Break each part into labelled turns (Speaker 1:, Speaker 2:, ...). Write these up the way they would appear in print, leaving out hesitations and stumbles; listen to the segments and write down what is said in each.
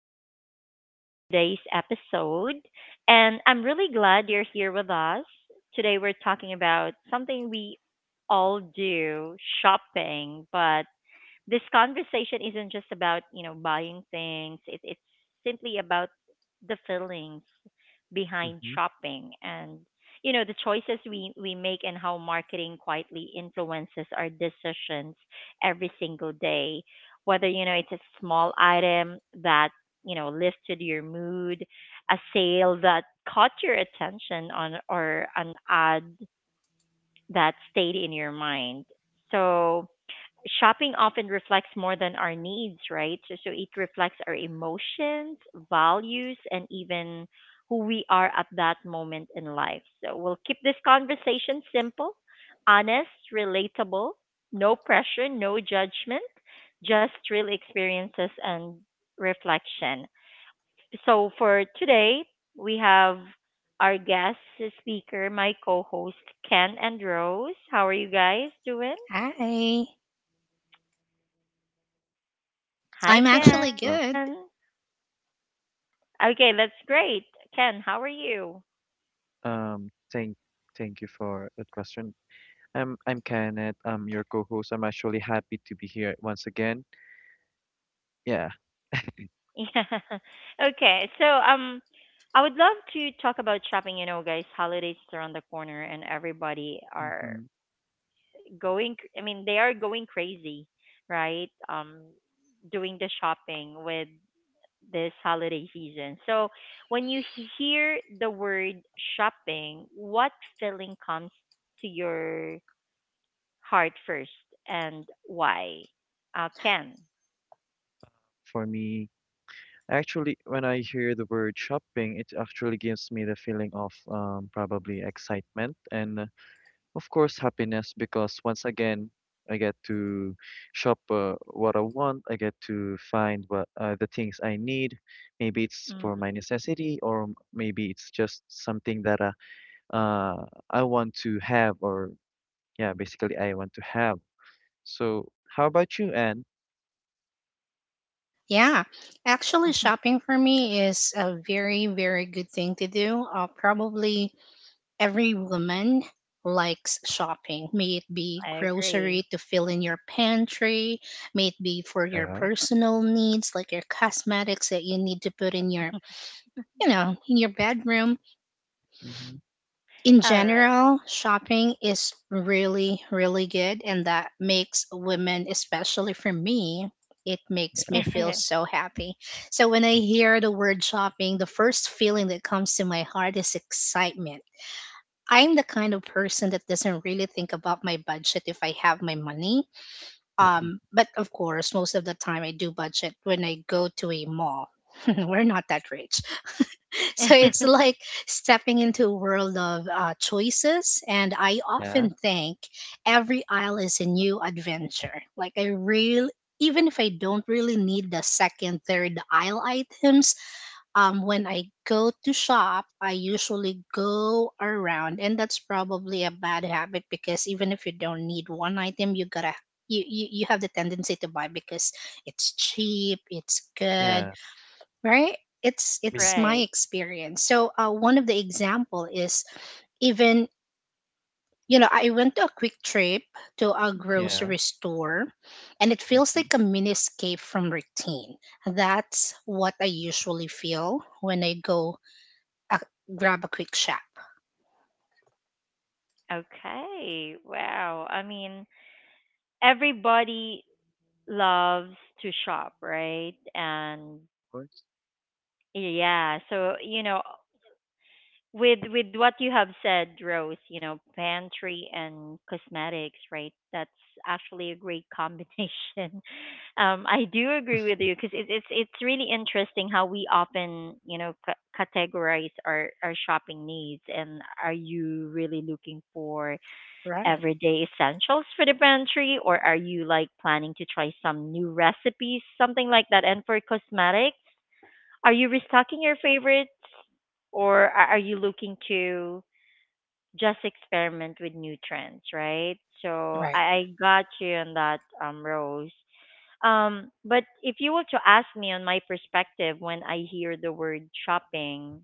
Speaker 1: and welcome to today's episode. And I'm really glad you're here with us. Today, we're talking about something we all do, shopping, but this conversation isn't just about, buying things, it's simply about the feelings behind
Speaker 2: Mhm.
Speaker 1: shopping and the choices we make and how marketing quietly influences our decisions every single day, whether it's a small item that lifted your mood, a sale that caught your attention on, or an ad that stayed in your mind. So shopping often reflects more than our needs, right? So it reflects our emotions, values, and even who we are at that moment in life. So we'll keep this conversation simple, honest, relatable, no pressure, no judgment, just real experiences and reflection. So for today, we have our guest speaker, my co host, Ken and Rose. How are you guys doing?
Speaker 3: Hi.
Speaker 1: Hi,
Speaker 3: I'm
Speaker 1: Ken.
Speaker 2: Fine as
Speaker 3: actually
Speaker 2: well.
Speaker 3: good.
Speaker 1: Okay, that's great. Ken, how are you?
Speaker 2: Um, thank thank you for that question. I'm Kenneth. I'm your co-host. I'm actually happy to be here once again. Yeah.
Speaker 1: Yeah. Okay. So, I would love to talk about shopping. You know, guys, holidays is around the corner, and everybody are
Speaker 2: hmm
Speaker 1: going. I mean, they are going crazy, right? Doing the shopping with this holiday season. So, when you hear the word shopping, what feeling comes to your heart first, and why? Ken.
Speaker 2: For me, actually, when I hear the word shopping, it actually gives me the feeling of probably excitement and, of course, happiness because once again, I get to shop what I want. I get to find what the things I need. Maybe it's for
Speaker 1: Mm.
Speaker 2: my necessity, or maybe it's just something that uh, I want to have, or yeah, basically I want to have. So, how about you, Anne?
Speaker 3: Yeah. Actually, shopping for me is a very, very good thing to do. Probably every woman likes shopping, may it be
Speaker 1: I
Speaker 3: grocery
Speaker 1: agree.
Speaker 3: to fill in your pantry, may it be for your
Speaker 2: Yeah.
Speaker 3: personal needs, like your cosmetics that you need to put in your bedroom
Speaker 2: Mm-hmm.
Speaker 3: in
Speaker 1: All
Speaker 3: general, shopping is really, really good, and that makes women, especially for me, it makes me feel
Speaker 1: right.
Speaker 3: so happy. So when I hear the word shopping, the first feeling that comes to my heart is excitement. I'm the kind of person that doesn't really think about my budget if I have my money. But of course, most of the time I do budget when I go to a mall. We're not that rich. So it's like stepping into a world of choices. And I
Speaker 2: Yeah. Yeah,
Speaker 3: often think every aisle is a new adventure. Like, I real even if I don't really need the second, third aisle items, when I go to shop, I usually go around. And that's probably a bad habit because even if you don't need one item, you gotta. You have the tendency to buy because it's cheap, it's good,
Speaker 2: yeah,
Speaker 3: right, it's
Speaker 2: Bas-
Speaker 3: it's my
Speaker 1: Right.
Speaker 3: experience. So one of the example is, even, I went to a quick trip to a
Speaker 1: Mhm.
Speaker 2: yeah,
Speaker 3: grocery store, and it feels
Speaker 2: mm-hmm.
Speaker 3: like
Speaker 2: Of
Speaker 3: a mini escape from routine. That's what I usually feel when I go, uh, grab a quick shop.
Speaker 1: Okay. Wow. I mean, everybody loves to shop, right? And
Speaker 2: course,
Speaker 1: yeah, so with what you have said, Rose, you know, pantry and cosmetics, right? That's actually a great combination. I do agree with you because it's really interesting how we often categorize our shopping needs. And are you really looking for
Speaker 3: Right.
Speaker 1: everyday essentials for the pantry, or are you like planning to try some new recipes, something like that? And for cosmetics, are you restocking your favorites or are you looking to just experiment with new trends, right? So
Speaker 3: Right.
Speaker 1: I got you on that, Rose. But if you were to ask me on my perspective, when I hear the word shopping,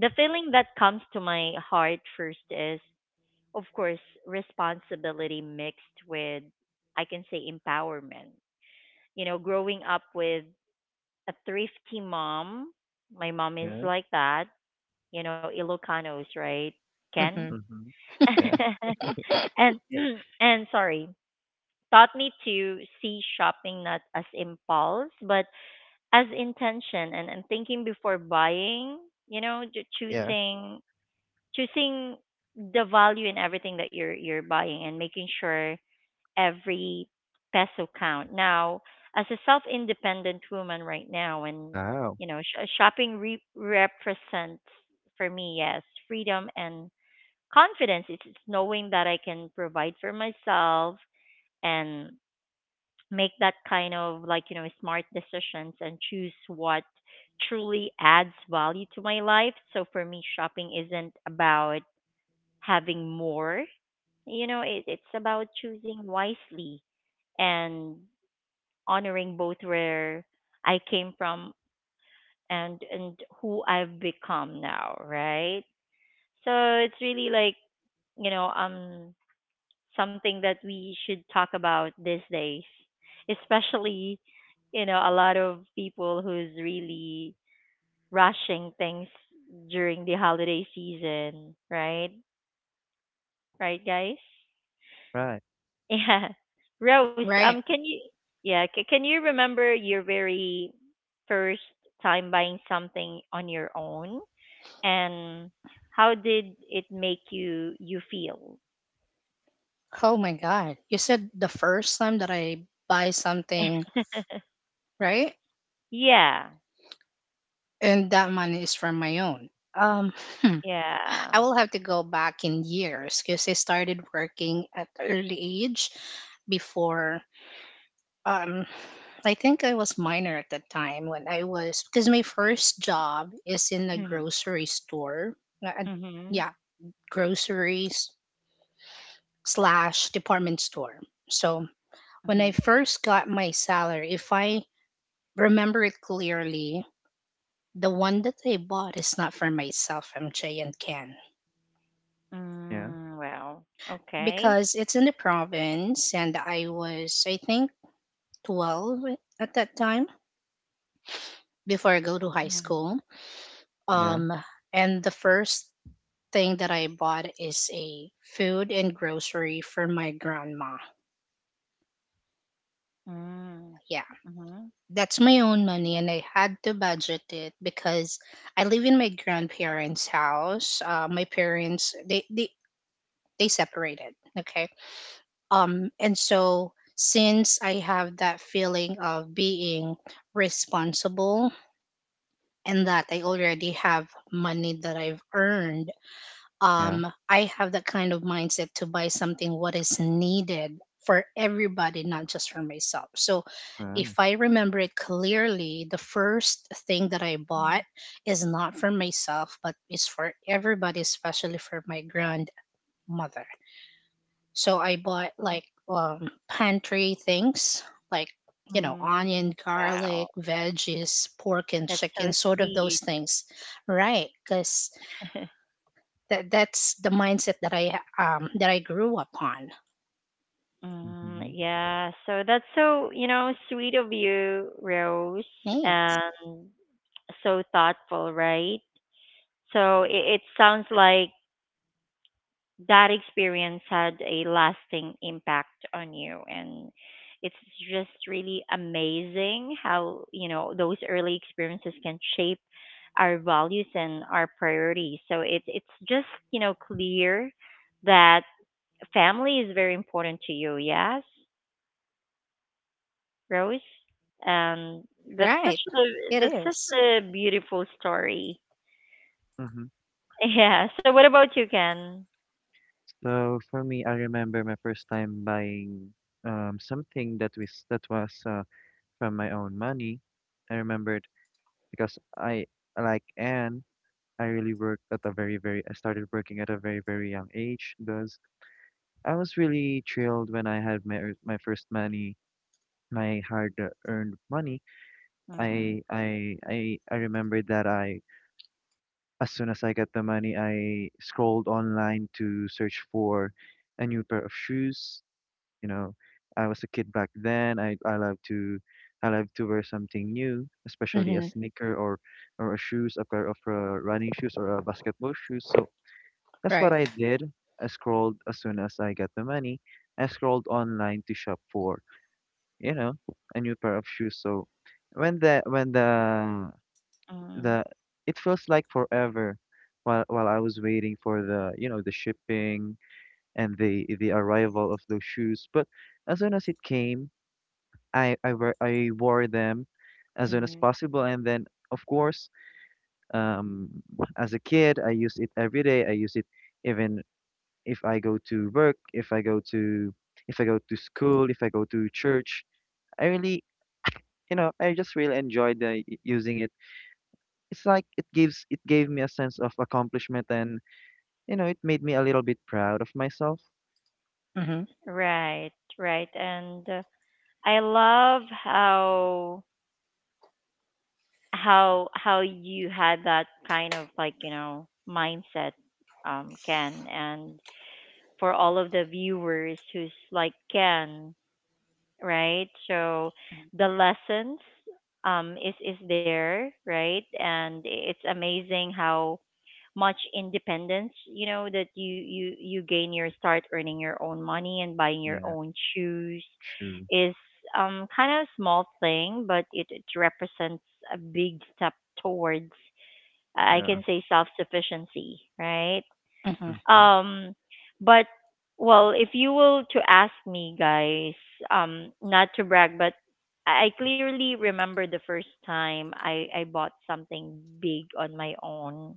Speaker 1: the feeling that comes to my heart first is, of course, responsibility mixed with, I can say, empowerment. You know, growing up with a thrifty mom, my mom is
Speaker 2: yeah,
Speaker 1: like that, you know, Ilocanos, right? Ken?
Speaker 3: Mm-hmm.
Speaker 2: mm-hmm. Yeah,
Speaker 1: And yeah. And sorry, taught me to see shopping not as impulse but as intention, and thinking before buying, you know,
Speaker 2: yeah.
Speaker 1: choosing the value in everything that you're buying and making sure every peso count. Now, as a self-independent woman right now and
Speaker 2: Wow.
Speaker 1: you know, shopping represents for me, yes, freedom, and confidence is knowing that I can provide for myself and make that kind of like you know smart decisions and choose what truly adds value to my life. So for me, shopping isn't about having more. It's about choosing wisely and honoring both where I came from and who I've become now, right? So it's really like you know um something that we should talk about these days, especially you know a lot of people who's really rushing things during the holiday season, right? Right, guys?
Speaker 2: Right,
Speaker 1: Yeah. Rose,
Speaker 3: Right.
Speaker 1: can you yeah, can you remember your very first time buying something on your own, and how did it make you feel?
Speaker 3: Oh my god, you said the first time that I buy something, right?
Speaker 1: Yeah.
Speaker 3: And that money is from my own. um hmm.
Speaker 1: Yeah.
Speaker 3: I will have to go back in years because I started working at early age. Before, um I think I was minor at that time when I was because my first job is in a grocery store. Uh, uh,
Speaker 1: Mhm.
Speaker 3: yeah, groceries slash department store. So when
Speaker 1: Mhm.
Speaker 3: I first got my salary, if I remember it clearly, the one that I bought is not for myself, MJ and Ken,
Speaker 2: yeah,
Speaker 1: Mm, wow. Okay.
Speaker 3: because it's in the province and I was, I think, 12 at that time before I go to high
Speaker 1: Mm.
Speaker 3: school.
Speaker 2: yeah,
Speaker 3: Um, and the first thing that I bought is a food and grocery for my grandma.
Speaker 1: Mm.
Speaker 3: Yeah,
Speaker 1: Mhm.
Speaker 3: that's my own money, and I had to budget it because I live in my grandparents' house. My parents they separated. Okay, and so since I have that feeling of being responsible and that I already have money that I've earned,
Speaker 2: yeah.
Speaker 3: I have that kind of mindset to buy something what is needed for everybody, not just for myself. So if
Speaker 2: uh,
Speaker 3: I remember it clearly, the first thing that I bought is not for myself, but is for everybody, especially for my grandmother. So I bought like um, pantry things, like,
Speaker 1: Mm.
Speaker 3: onion, garlic,
Speaker 1: Wow.
Speaker 3: veggies, pork and
Speaker 1: That's
Speaker 3: chicken,
Speaker 1: so
Speaker 3: sort of those
Speaker 1: sweet.
Speaker 3: things, right? Because that, that's the mindset that I grew upon.
Speaker 1: Mm,
Speaker 2: Mhm,
Speaker 1: yeah, so that's so, you know, sweet of you, Rose, and
Speaker 3: Thanks.
Speaker 1: so thoughtful, right? So it sounds like that experience had a lasting impact on you, and it's just really amazing how you know those early experiences can shape our values and our priorities. So it's just you know clear that family is very important to you, yes, Rose, and
Speaker 3: Right. It
Speaker 1: that's such
Speaker 3: is.
Speaker 1: a beautiful story.
Speaker 2: mhm.
Speaker 1: Yeah, so what about you, Ken?
Speaker 2: So for me, I remember my first time buying something that was from my own money. I remembered because I like Anne, I really worked at a very very I started working at a very very young age because I was really thrilled when I had my my first money, my hard earned money.
Speaker 1: Mm,
Speaker 2: I remembered that I as soon as I get the money, I scrolled online to search for a new pair of shoes. You know, I was a kid back then. I love to wear something new, especially
Speaker 3: Mm-hmm.
Speaker 2: a sneaker or a shoes, a pair of running shoes or a basketball shoes. So that's
Speaker 3: Right.
Speaker 2: what I did. I scrolled as soon as I got the money. I scrolled online to shop for, you know, a new pair of shoes. So when
Speaker 1: mm,
Speaker 2: the it feels like forever while I was waiting for the you know the shipping and the arrival of those shoes. But as soon as it came, I wore them as soon as
Speaker 1: mm.
Speaker 2: possible, and then of course, um, as a kid, I use it every day. I use it even if I go to work, if I go to school, if I go to church. I really you know I just really enjoyed using it. It's like it gives it gave me a sense of accomplishment, and you know, it made me a little bit proud of myself.
Speaker 3: Mm-hmm.
Speaker 1: Right, right. And I love how how you had that kind of like, you know, mindset, Ken, and for all of the viewers who's like Ken, right? So the lessons is there, right? And it's amazing how much independence you know that you gain your start earning your own money and buying your
Speaker 2: Yeah,
Speaker 1: own shoes
Speaker 2: true.
Speaker 1: is kind of a small thing, but it represents a big step towards, I
Speaker 2: Yeah.
Speaker 1: can say, self sufficiency right?
Speaker 3: Mm-hmm.
Speaker 2: Hmm.
Speaker 1: Um, but, well, if you will to ask me, guys, um, not to brag, but I clearly remember the first time I bought something big on my own,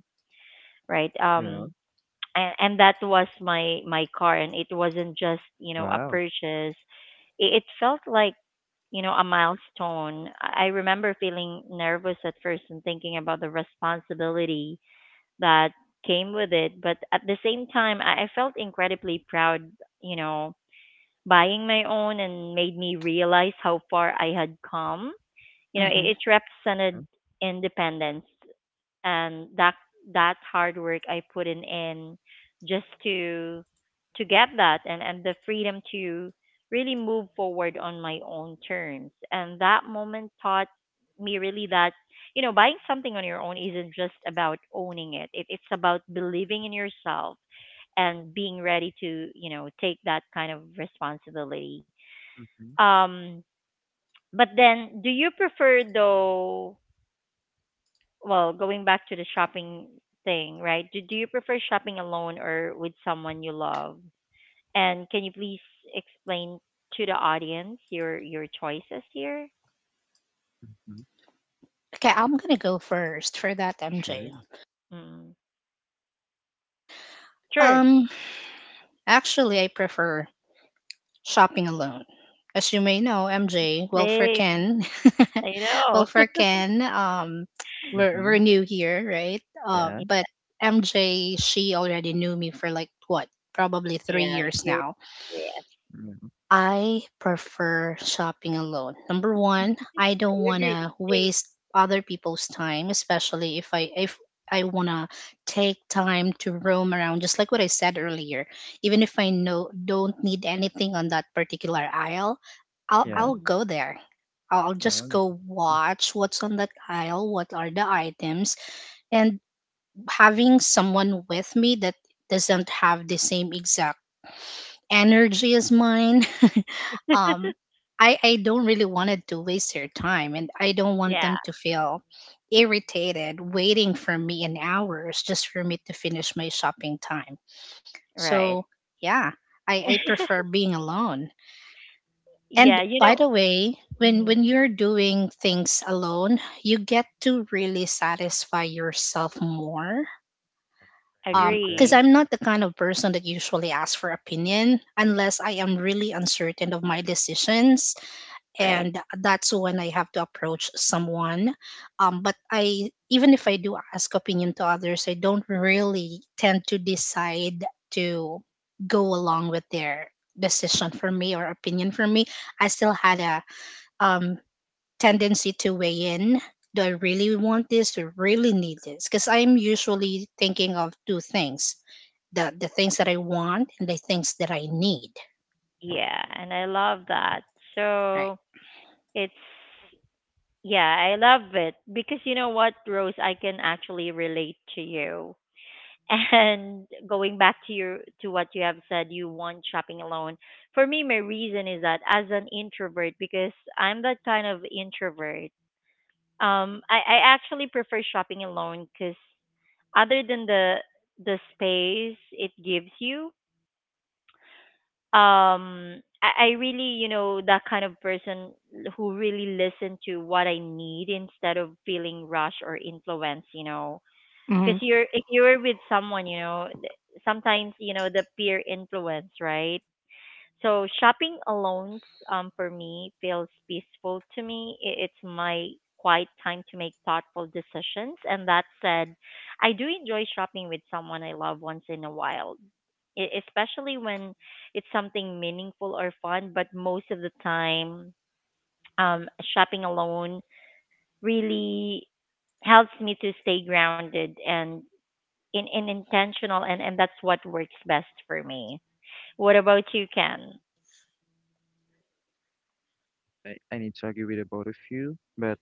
Speaker 1: right?
Speaker 2: Yeah.
Speaker 1: And that was my my car, and it wasn't just you know a
Speaker 2: Wow.
Speaker 1: purchase, it felt like you know a milestone. I remember feeling nervous at first and thinking about the responsibility that came with it, but at the same time I felt incredibly proud, you know, buying my own and made me realize how far I had come. You know
Speaker 3: Mm-hmm.
Speaker 1: it represented
Speaker 2: Yeah.
Speaker 1: independence and that that hard work I put in just to get that, and the freedom to really move forward on my own terms. And that moment taught me really that you know buying something on your own isn't just about owning it. It's about believing in yourself and being ready to you know take that kind of responsibility.
Speaker 2: Mm-hmm.
Speaker 1: Um, but then do you prefer though, well, going back to the shopping thing, right? Do you prefer shopping alone or with someone you love? And can you please explain to the audience your choices here?
Speaker 2: Mm-hmm.
Speaker 3: Okay, I'm gonna go first for that,
Speaker 2: Sure.
Speaker 3: MJ.
Speaker 1: Mm. Sure.
Speaker 3: Um, Actually, I prefer shopping alone. As you may know, MJ, well, for
Speaker 1: Same.
Speaker 3: Ken,
Speaker 1: I
Speaker 3: well, for
Speaker 1: know.
Speaker 3: Ken, we're,
Speaker 2: Mm-hmm.
Speaker 3: we're new here, right?
Speaker 2: Yeah.
Speaker 3: But MJ, she already knew me for like what, probably three
Speaker 1: Yeah.
Speaker 3: years
Speaker 1: You're,
Speaker 3: now.
Speaker 1: yes.
Speaker 2: Mm.
Speaker 3: I prefer shopping alone. Number one, I don't
Speaker 1: I
Speaker 3: want
Speaker 1: agree.
Speaker 3: to
Speaker 1: Same.
Speaker 3: waste other people's time, especially if I want to take time to roam around just like what I said earlier. Even if I know don't need anything on that particular aisle, I'll
Speaker 2: Yeah.
Speaker 3: I'll
Speaker 1: Hmm.
Speaker 3: go there. I'll just
Speaker 2: Um,
Speaker 3: go watch what's on that aisle, what are the items, and having someone with me that doesn't have the same exact energy as mine, um, I don't really want it to waste their time, and I don't want them
Speaker 1: Yeah.
Speaker 3: to feel irritated waiting for me in hours just for me to finish my shopping time. So
Speaker 1: Right.
Speaker 3: yeah, I prefer being alone. And
Speaker 1: Yeah. You
Speaker 3: by
Speaker 1: know.
Speaker 3: the way, when
Speaker 1: Mm,
Speaker 3: you're doing things alone, you get to really satisfy yourself more.
Speaker 2: I agree with
Speaker 3: Because
Speaker 2: that.
Speaker 1: agree.
Speaker 3: I'm not the kind of person that usually asks for opinion unless I am really uncertain of my decisions,
Speaker 1: Right.
Speaker 3: and that's when I have to approach someone. But even if I do ask opinion to others, I don't really tend to decide to go along with their decision for me or opinion for me. I still had a, um, tendency to weigh in. Do I really want this? Do I really need this? Because I'm usually thinking of two things: the things that I want and the things that I need.
Speaker 1: Yeah. And I love that.
Speaker 3: Right.
Speaker 1: So it's, yeah, I love it because you know what, Rose, I can actually relate to you. And going back to your to what you have said, you want shopping alone. For me, my reason is that as an introvert, because I'm that kind of introvert, I actually prefer shopping alone because other than the space it gives you, um, I really you know that kind of person who really listen to what I need instead of feeling rushed or influenced, you know,
Speaker 3: Hmm.
Speaker 1: because you're if you're with someone you know sometimes you know the peer influence, right? So shopping alone, for me feels peaceful to me. It's my quiet time to make thoughtful decisions. And that said, I do enjoy shopping with someone I love once in a while, especially when it's something meaningful or fun. But most of the time, shopping alone really helps me to stay grounded and in intentional, and that's what works best for me. What about you, Ken?
Speaker 2: I need to agree with the both of you. But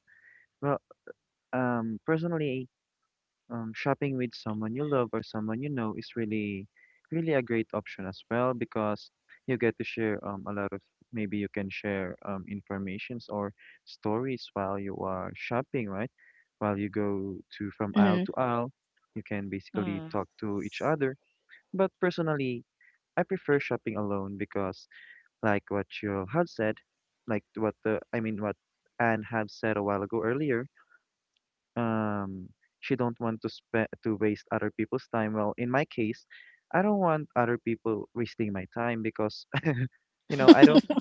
Speaker 2: well, personally, shopping with someone you love or someone you know is really, really a great option as well because you get to share a lot of maybe you can share informations or stories while you are shopping, right? While you go to from aisle
Speaker 3: Mm-hmm.
Speaker 2: to aisle, you can basically
Speaker 1: Mm.
Speaker 2: talk to each other. But personally, I prefer shopping alone because, like what you have said, like what the I mean what Anne have said a while ago earlier, um she don't want to spend to waste other people's time. Well, in my case, I don't want other people wasting my time because, you know, I don't,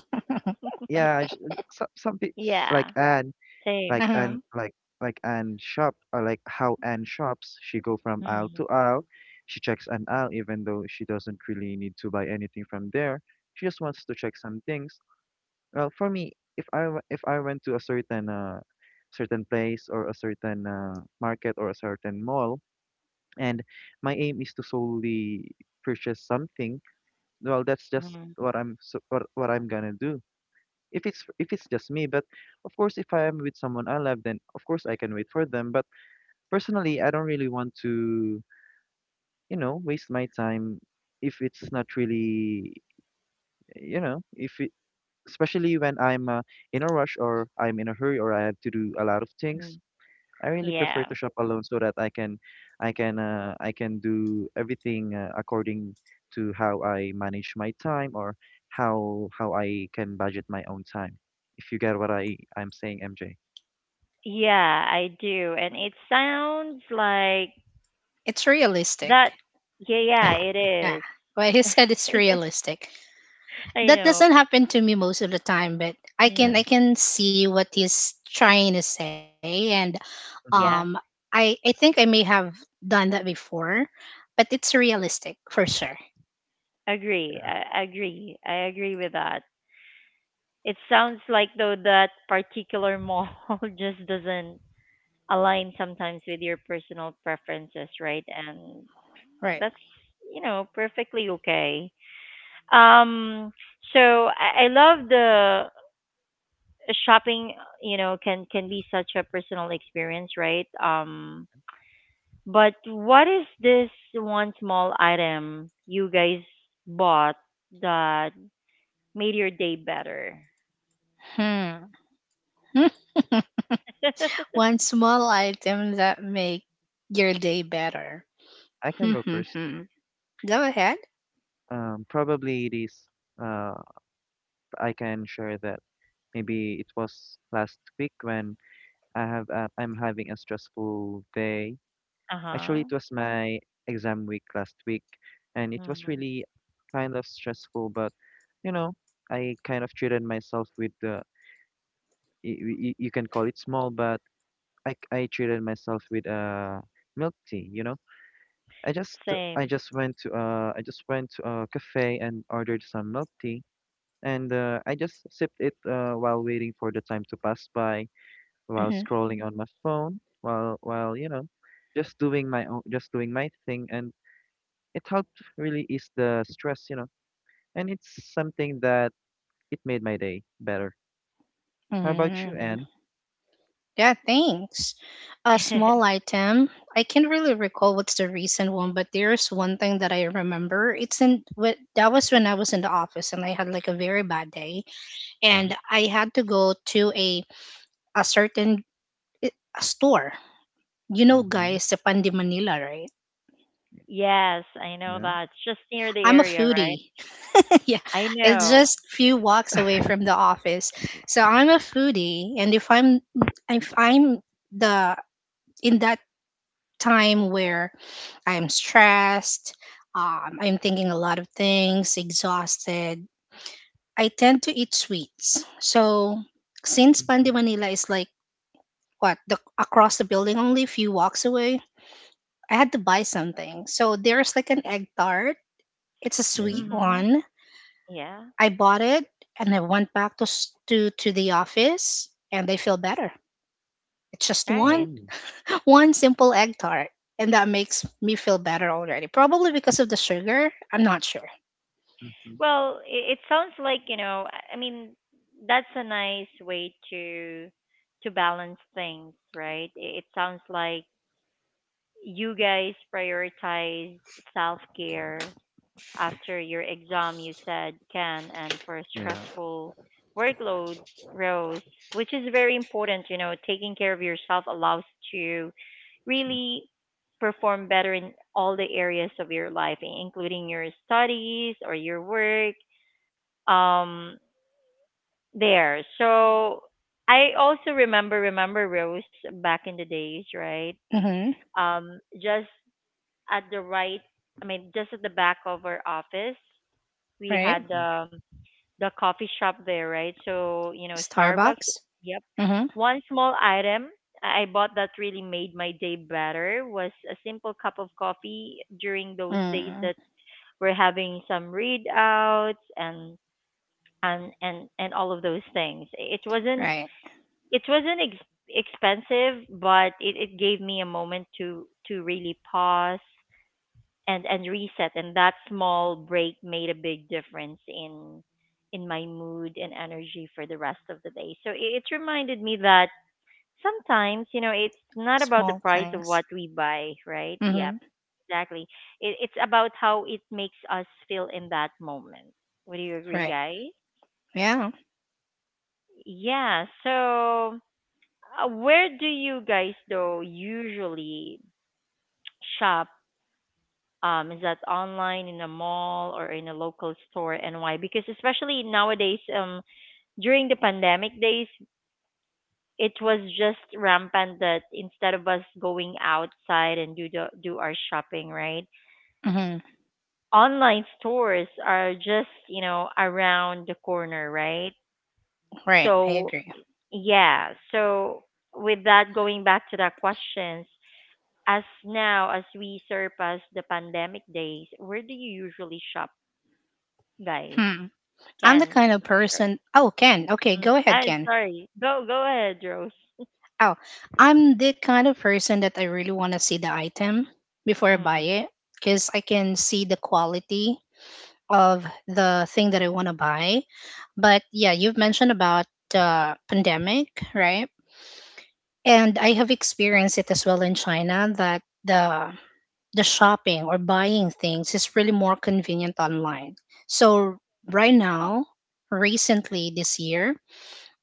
Speaker 2: yeah, I just, some people like
Speaker 1: Yeah,
Speaker 2: Anne,
Speaker 1: same.
Speaker 2: like anne
Speaker 3: Uh-huh.
Speaker 2: like like Anne shop, or like how Anne shops, she go from aisle
Speaker 1: Mm,
Speaker 2: to aisle, she checks an aisle even though she doesn't really need to buy anything from there, she just wants to check some things. Well for me, if I went to a certain place or a certain market or a certain mall and my aim is to solely purchase something, well that's just
Speaker 1: mm,
Speaker 2: what what I'm gonna do if it's just me. But of course, if I am with someone I love, then of course I can wait for them, but personally I don't really want to, you know, waste my time if it's not really, you know, if it, especially when I'm in a rush, or I'm in a hurry, or I have to do a lot of
Speaker 1: mm.
Speaker 2: things. I really prefer
Speaker 1: Yeah,
Speaker 2: to shop alone so that I can do everything according to how I manage my time, or how I can budget my own time. If you get what I'm saying, MJ.
Speaker 1: yeah, I do. And it sounds like
Speaker 3: It's realistic.
Speaker 1: that. Yeah, yeah, it
Speaker 3: Yeah,
Speaker 1: is.
Speaker 3: what he said is realistic.
Speaker 1: I
Speaker 3: That
Speaker 1: know.
Speaker 3: doesn't happen to me most of the time, but
Speaker 1: Mm,
Speaker 2: Yeah.
Speaker 3: I can see what he's trying to say, and um,
Speaker 2: Mm-hmm.
Speaker 1: yeah,
Speaker 3: I think I may have done that before, but it's realistic for sure.
Speaker 1: agree. I agree. I agree with that. It sounds like though that particular mall just doesn't align sometimes with your personal preferences, right? And
Speaker 3: Right.
Speaker 1: that's, you know, perfectly okay. Um, so I love the shopping, you know, can be such a personal experience, right? But what is this one small item you guys bought that made your day better?
Speaker 3: Hmm. Hmm. One small item that make your day better.
Speaker 2: I can
Speaker 3: Hmm.
Speaker 2: go
Speaker 3: Hmm,
Speaker 2: first.
Speaker 3: hmm. Go ahead.
Speaker 2: Probably it is. Uh, I can share that maybe it was last week when I'm having a stressful day.
Speaker 1: Uh-huh.
Speaker 2: Actually, it was my exam week last week, and it was
Speaker 1: Mm,
Speaker 2: really kind of stressful, but you know, I kind of treated myself with the, you can call it small, but I treated myself with milk tea, you know. I just I
Speaker 1: same.
Speaker 2: just went to I just went to a cafe and ordered some milk tea, and I just sipped it while waiting for the time to pass by, while
Speaker 3: Mm-hmm.
Speaker 2: scrolling on my phone, while you know, just doing my own, just doing my thing, and it helped really ease the stress, you know, and it's something that it made my day better. How about you,
Speaker 3: Mm-hmm.
Speaker 2: Anne?
Speaker 3: Yeah, thanks. A small item. I can't really recall what's the recent one, but there's one thing that I remember. That was when I was in the office and I had like a very bad day,
Speaker 2: Yeah.
Speaker 3: and I had to go to a a certain i- store. You know,
Speaker 2: Mm-hmm.
Speaker 3: guys, the Pandi Manila, right?
Speaker 1: Yes, I know
Speaker 2: Yeah.
Speaker 1: that. It's just near the
Speaker 3: I'm a
Speaker 1: area, right?
Speaker 3: foodie. Yeah,
Speaker 1: I
Speaker 3: it's
Speaker 1: know.
Speaker 3: just few walks away from the office. So I'm a foodie, and if I'm the in that time where I'm stressed, I'm thinking a lot of things, exhausted, I tend to eat sweets. So since Pandi
Speaker 2: Mm-hmm.
Speaker 3: Manila is like what, the, across the building, only a few walks away, I had to buy something. So there's like an egg tart. It's a sweet
Speaker 2: Yeah.
Speaker 1: Mm-hmm.
Speaker 3: one.
Speaker 1: Yeah,
Speaker 3: I bought it and I went back to the office, and I feel better. It's just one
Speaker 1: right.
Speaker 2: Oh.
Speaker 3: one simple egg tart, and that makes me feel better already. Probably because of the sugar. I'm not sure.
Speaker 2: Mm-hmm.
Speaker 1: Well, it sounds like, you know, I mean, that's a nice way to balance things, right? It sounds like you guys prioritized self-care after your exam, you said, Ken, and for
Speaker 2: Yeah.
Speaker 1: stressful workloads, Rose, which is very important. You know, taking care of yourself allows to
Speaker 2: True.
Speaker 1: really perform better in all the areas of your life, including your studies or your work um there. So I also remember Rose back in the days, right?
Speaker 3: Hmm.
Speaker 1: Um, just at the right I mean just at the back of our office, we
Speaker 3: Right.
Speaker 1: had
Speaker 2: Mm.
Speaker 1: the coffee shop there, right? So, you know, Starbucks,
Speaker 3: Starbucks.
Speaker 1: yep.
Speaker 3: Mm-hmm.
Speaker 1: One small item I bought that really made my day better was a simple cup of coffee during those days
Speaker 3: Mm,
Speaker 1: that we're having some read outs and all of those things. It wasn't
Speaker 3: right.
Speaker 1: expensive, but it gave me a moment to really pause and reset. And that small break made a big difference in my mood and energy for the rest of the day. So it reminded me that sometimes you know it's not about the
Speaker 3: Small
Speaker 1: price of
Speaker 3: things.
Speaker 1: what we buy, right? Yep,
Speaker 3: Mm-hmm.
Speaker 1: exactly. It's about how it makes us feel in that moment. Would you agree,
Speaker 3: Right.
Speaker 1: guys?
Speaker 3: Yeah.
Speaker 1: Yeah. So, where do you guys though usually shop? Is that online, in a mall, or in a local store, and why? Because especially nowadays, during the pandemic days, it was just rampant that instead of us going outside and do our shopping, right?
Speaker 3: Mm-hmm.
Speaker 1: Online stores are just, you know, around the corner, right?
Speaker 3: Right. I
Speaker 1: So
Speaker 3: agree.
Speaker 1: yeah. So with that, going back to the questions, as now as we surpass the pandemic days, where do you usually shop, guys?
Speaker 3: Hmm. I'm the
Speaker 1: Ken
Speaker 3: kind of
Speaker 1: and
Speaker 3: person. Oh, Ken. Okay,
Speaker 1: Rose.
Speaker 3: go ahead,
Speaker 1: I
Speaker 3: Ken.
Speaker 1: sorry. Go ahead, Rose.
Speaker 3: Oh, I'm the kind of person that I really want to see the item before I buy
Speaker 1: Mm,
Speaker 3: it because I can see the quality of the thing that I want to buy. But yeah, you've mentioned about the pandemic, right? And I have experienced it as well in China that the the shopping or buying things is really more convenient online. So right now, recently this year,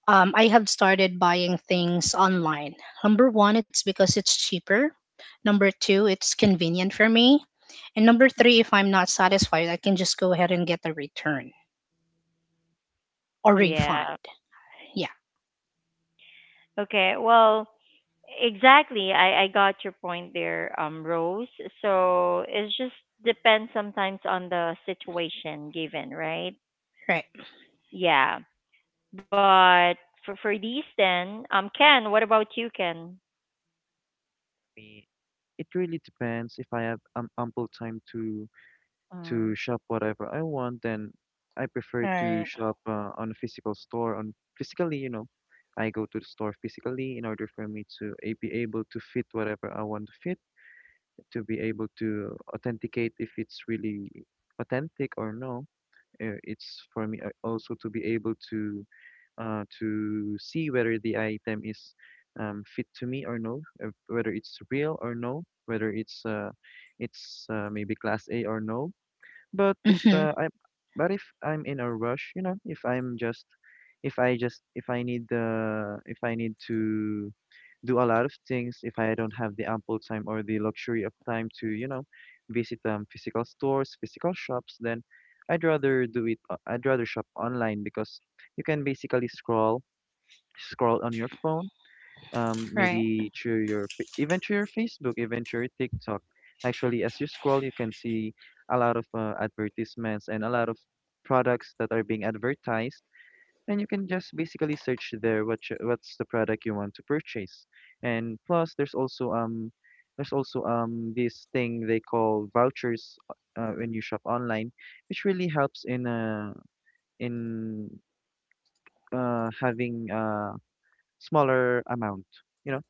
Speaker 3: I have started buying things online. Number one, it's because it's cheaper. Number two, it's convenient for me. And number three, if I'm not satisfied, I can just go ahead and get a return or refund.
Speaker 1: yeah.
Speaker 3: Yeah,
Speaker 1: Okay. Well, exactly. I got your point there, Rose. So it just depends sometimes on the situation given, right?
Speaker 3: right.
Speaker 1: Yeah. But for these then, Ken, what about you, Ken?
Speaker 2: Me, it really depends. If I have ample time to
Speaker 1: Mm,
Speaker 2: shop whatever I want, then I prefer to
Speaker 3: Right.
Speaker 2: shop on a physical store. On physically, you know, I go to the store physically in order for me to be able to fit whatever I want to fit, to be able to authenticate if it's really authentic or no. It's for me also to be able to uh, to see whether the item is fit to me or no, whether it's real or no, whether it's maybe class A or no. but if
Speaker 3: Mm-hmm.
Speaker 2: uh, I'm but if I'm in a rush, you know, if I just if I need to do a lot of things, if I don't have the ample time or the luxury of time to, you know, visit physical stores, physical shops, then I'd rather do it. O- I'd rather shop online because you can basically scroll on your phone,
Speaker 3: Right.
Speaker 2: maybe through your Facebook, even through your TikTok. Actually, as you scroll, you can see a lot of advertisements and a lot of products that are being advertised, and you can just basically search there what what's the product you want to purchase. And plus, there's also this thing they call vouchers when you shop online, which really helps in in having a smaller amount. You know,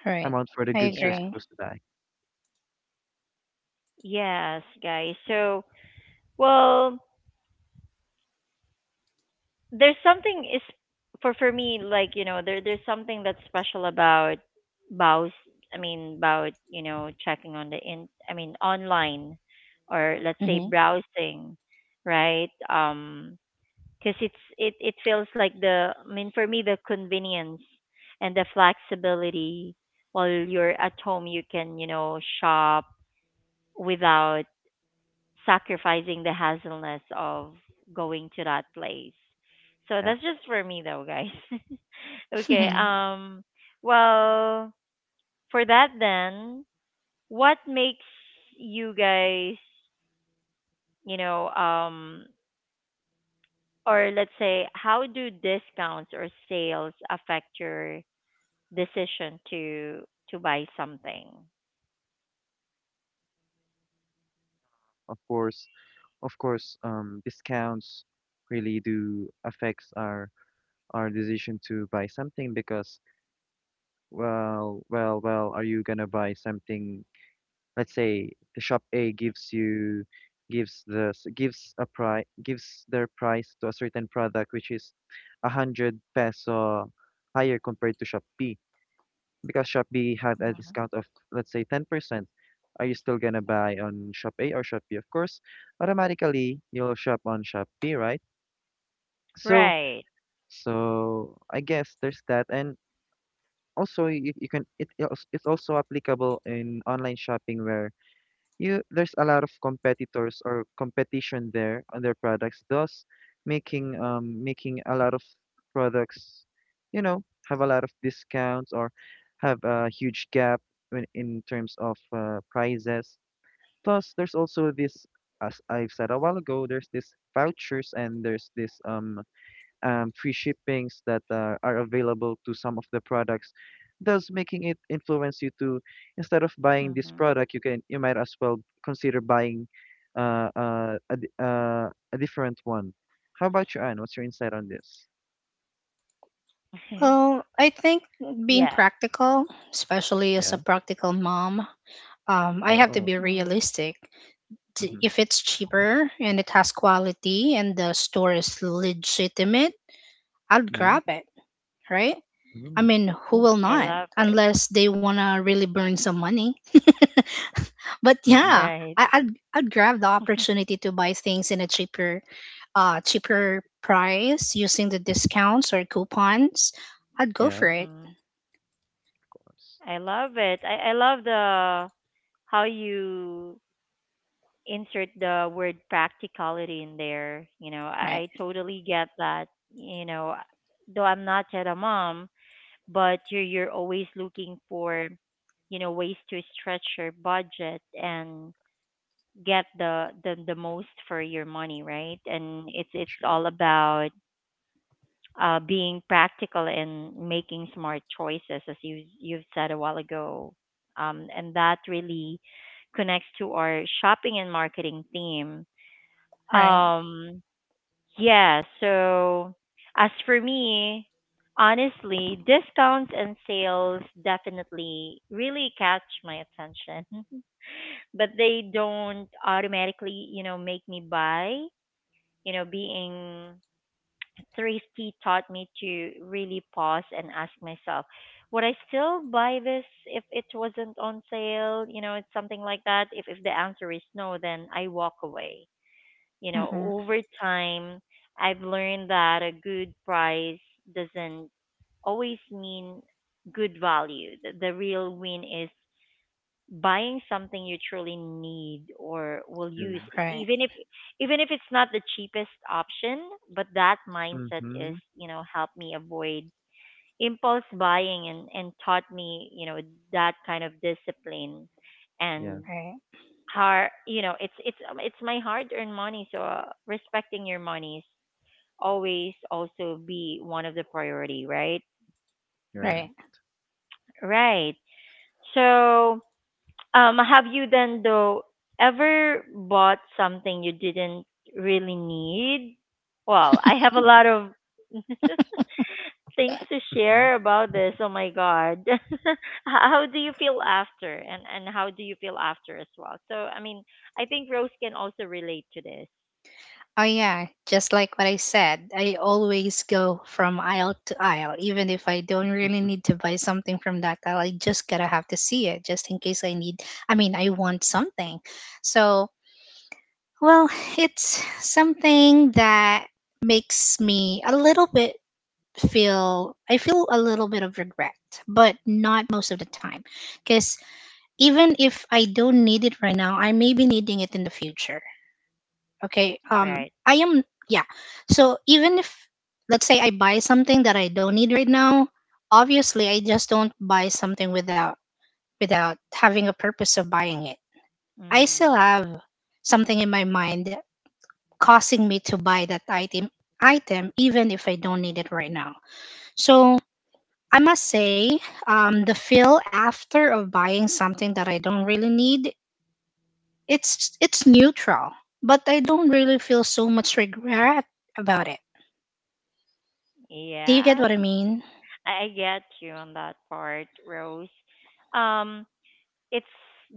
Speaker 3: Right.
Speaker 2: amount for the
Speaker 3: I
Speaker 2: goods
Speaker 1: yeah.
Speaker 2: you're
Speaker 3: agree.
Speaker 2: supposed to buy.
Speaker 1: Yes, guys. So, well, there's something is for me like, you know, there's something that's special about Baus, about, you know, checking on the in I mean, online or
Speaker 2: Yeah,
Speaker 1: let's say
Speaker 3: Mm-hmm.
Speaker 1: browsing, right? Um, because it it feels like the I mean for me the convenience and the flexibility while you're at home you can, you know, shop without sacrificing the hassleness of going to that place. So
Speaker 2: yeah.
Speaker 1: that's just for me though, guys. Okay. Well, for that then, what makes you guys, you know, or let's say how do discounts or sales affect your decision to buy something?
Speaker 2: Of course, of course, discounts really do affects our decision to buy something because, well, are you gonna buy something? Let's say the shop A gives you gives their price to a certain product which is a hundred peso higher compared to shop B, because Shopee have a
Speaker 1: Mhm.
Speaker 2: discount of let's say 10%. Are you still gonna buy on Shop A or Shop B? Of course, automatically you'll shop on Shopee, right? So,
Speaker 1: Right.
Speaker 2: so I guess there's that, and also you can it's also applicable in online shopping where you there's a lot of competitors or competition there on their products, thus making a lot of products, you know, have a lot of discounts or have a huge gap when, in terms of prices. Plus, there's also this, as I've said a while ago, there's this vouchers and there's this free shippings that are available to some of the products, thus making it influence you to,
Speaker 1: Mhm.
Speaker 2: instead of buying this product, you can you might as well consider buying a different one. How about you, Anne? What's your insight on this?
Speaker 3: Well, I think
Speaker 1: Yeah.
Speaker 3: being practical, especially as a
Speaker 2: Yeah.
Speaker 3: practical mom,
Speaker 2: Oh,
Speaker 3: I have to
Speaker 2: oh.
Speaker 3: be
Speaker 1: Mm.
Speaker 3: realistic.
Speaker 2: Mm-hmm.
Speaker 3: If it's cheaper and it has quality and the store is legitimate, I'll
Speaker 2: Yeah.
Speaker 3: grab it, right?
Speaker 2: Mm,
Speaker 3: I
Speaker 2: of
Speaker 3: mean, who will
Speaker 1: I
Speaker 2: course.
Speaker 3: not?
Speaker 1: love it.
Speaker 3: Unless they want to really burn some money. But
Speaker 2: Mm-hmm.
Speaker 3: yeah,
Speaker 1: Right.
Speaker 3: I, I'd, I'd grab the opportunity to buy things in a cheaper price using the discounts or coupons. I'd go
Speaker 2: Yeah. Of
Speaker 3: for it,
Speaker 1: Mm.
Speaker 2: course.
Speaker 1: I love it. I love the how you insert the word practicality in there, you know,
Speaker 3: right?
Speaker 1: I totally get that. You know, though I'm not yet a mom, but you're always looking for, you know, ways to stretch your budget and get the most for your money, right? And it's
Speaker 2: True.
Speaker 1: all about being practical and making smart choices as you you've said a while ago. Um, and that really connects to our shopping and marketing theme.
Speaker 3: Right.
Speaker 1: Um, yeah. So as for me, honestly, discounts and sales definitely really catch my attention. But they don't automatically, you know, make me buy. You know, being thrifty taught me to really pause and ask myself, would I still buy this if it wasn't on sale? You know, it's something like that. If the answer is no, then I walk away. You know,
Speaker 3: Mm-hmm.
Speaker 1: over time, I've learned that a good price doesn't always mean good value. The real win is buying something you truly need or will
Speaker 2: True.
Speaker 1: use,
Speaker 3: Right,
Speaker 1: even if it's not the cheapest option. But that mindset
Speaker 2: Mm-hmm.
Speaker 1: is, you know, helped me avoid impulse buying and taught me, you know, that kind of discipline.
Speaker 2: Yeah,
Speaker 1: And
Speaker 3: right,
Speaker 1: hard, you know, it's my hard earned money. So respecting your monies always also be one of the priority, right?
Speaker 2: right.
Speaker 3: right.
Speaker 1: Right. So um, have you then though ever bought something you didn't really need? Well, I have a lot of things to
Speaker 2: Mm-hmm.
Speaker 1: share about this, oh my god. How do you feel after, and how do you feel after as well? So I mean, I think Rose can also relate to this,
Speaker 3: Oh, yeah. Just like what I said, I always go from aisle to aisle, even if I don't really need to buy something from that aisle. I just gotta have to see it just in case I need, I mean, I want something. So, well, it's something that makes me a little bit feel, I feel a little bit of regret, but not most of the time. Because even if I don't need it right now, I may be needing it in the future. Okay,
Speaker 1: right?
Speaker 3: I am yeah, so even if, let's say, I buy something that I don't need right now, obviously I just don't buy something without having a purpose of buying it. I
Speaker 1: Mm,
Speaker 3: still have something in my mind causing me to buy that item even if I don't need it right now. So I must say, the feel after of buying something that I don't really need, it's neutral, but I don't really feel so much regret about it. Do you get
Speaker 1: yeah.
Speaker 3: what I mean?
Speaker 1: I get you on that part, Rose. Um, it's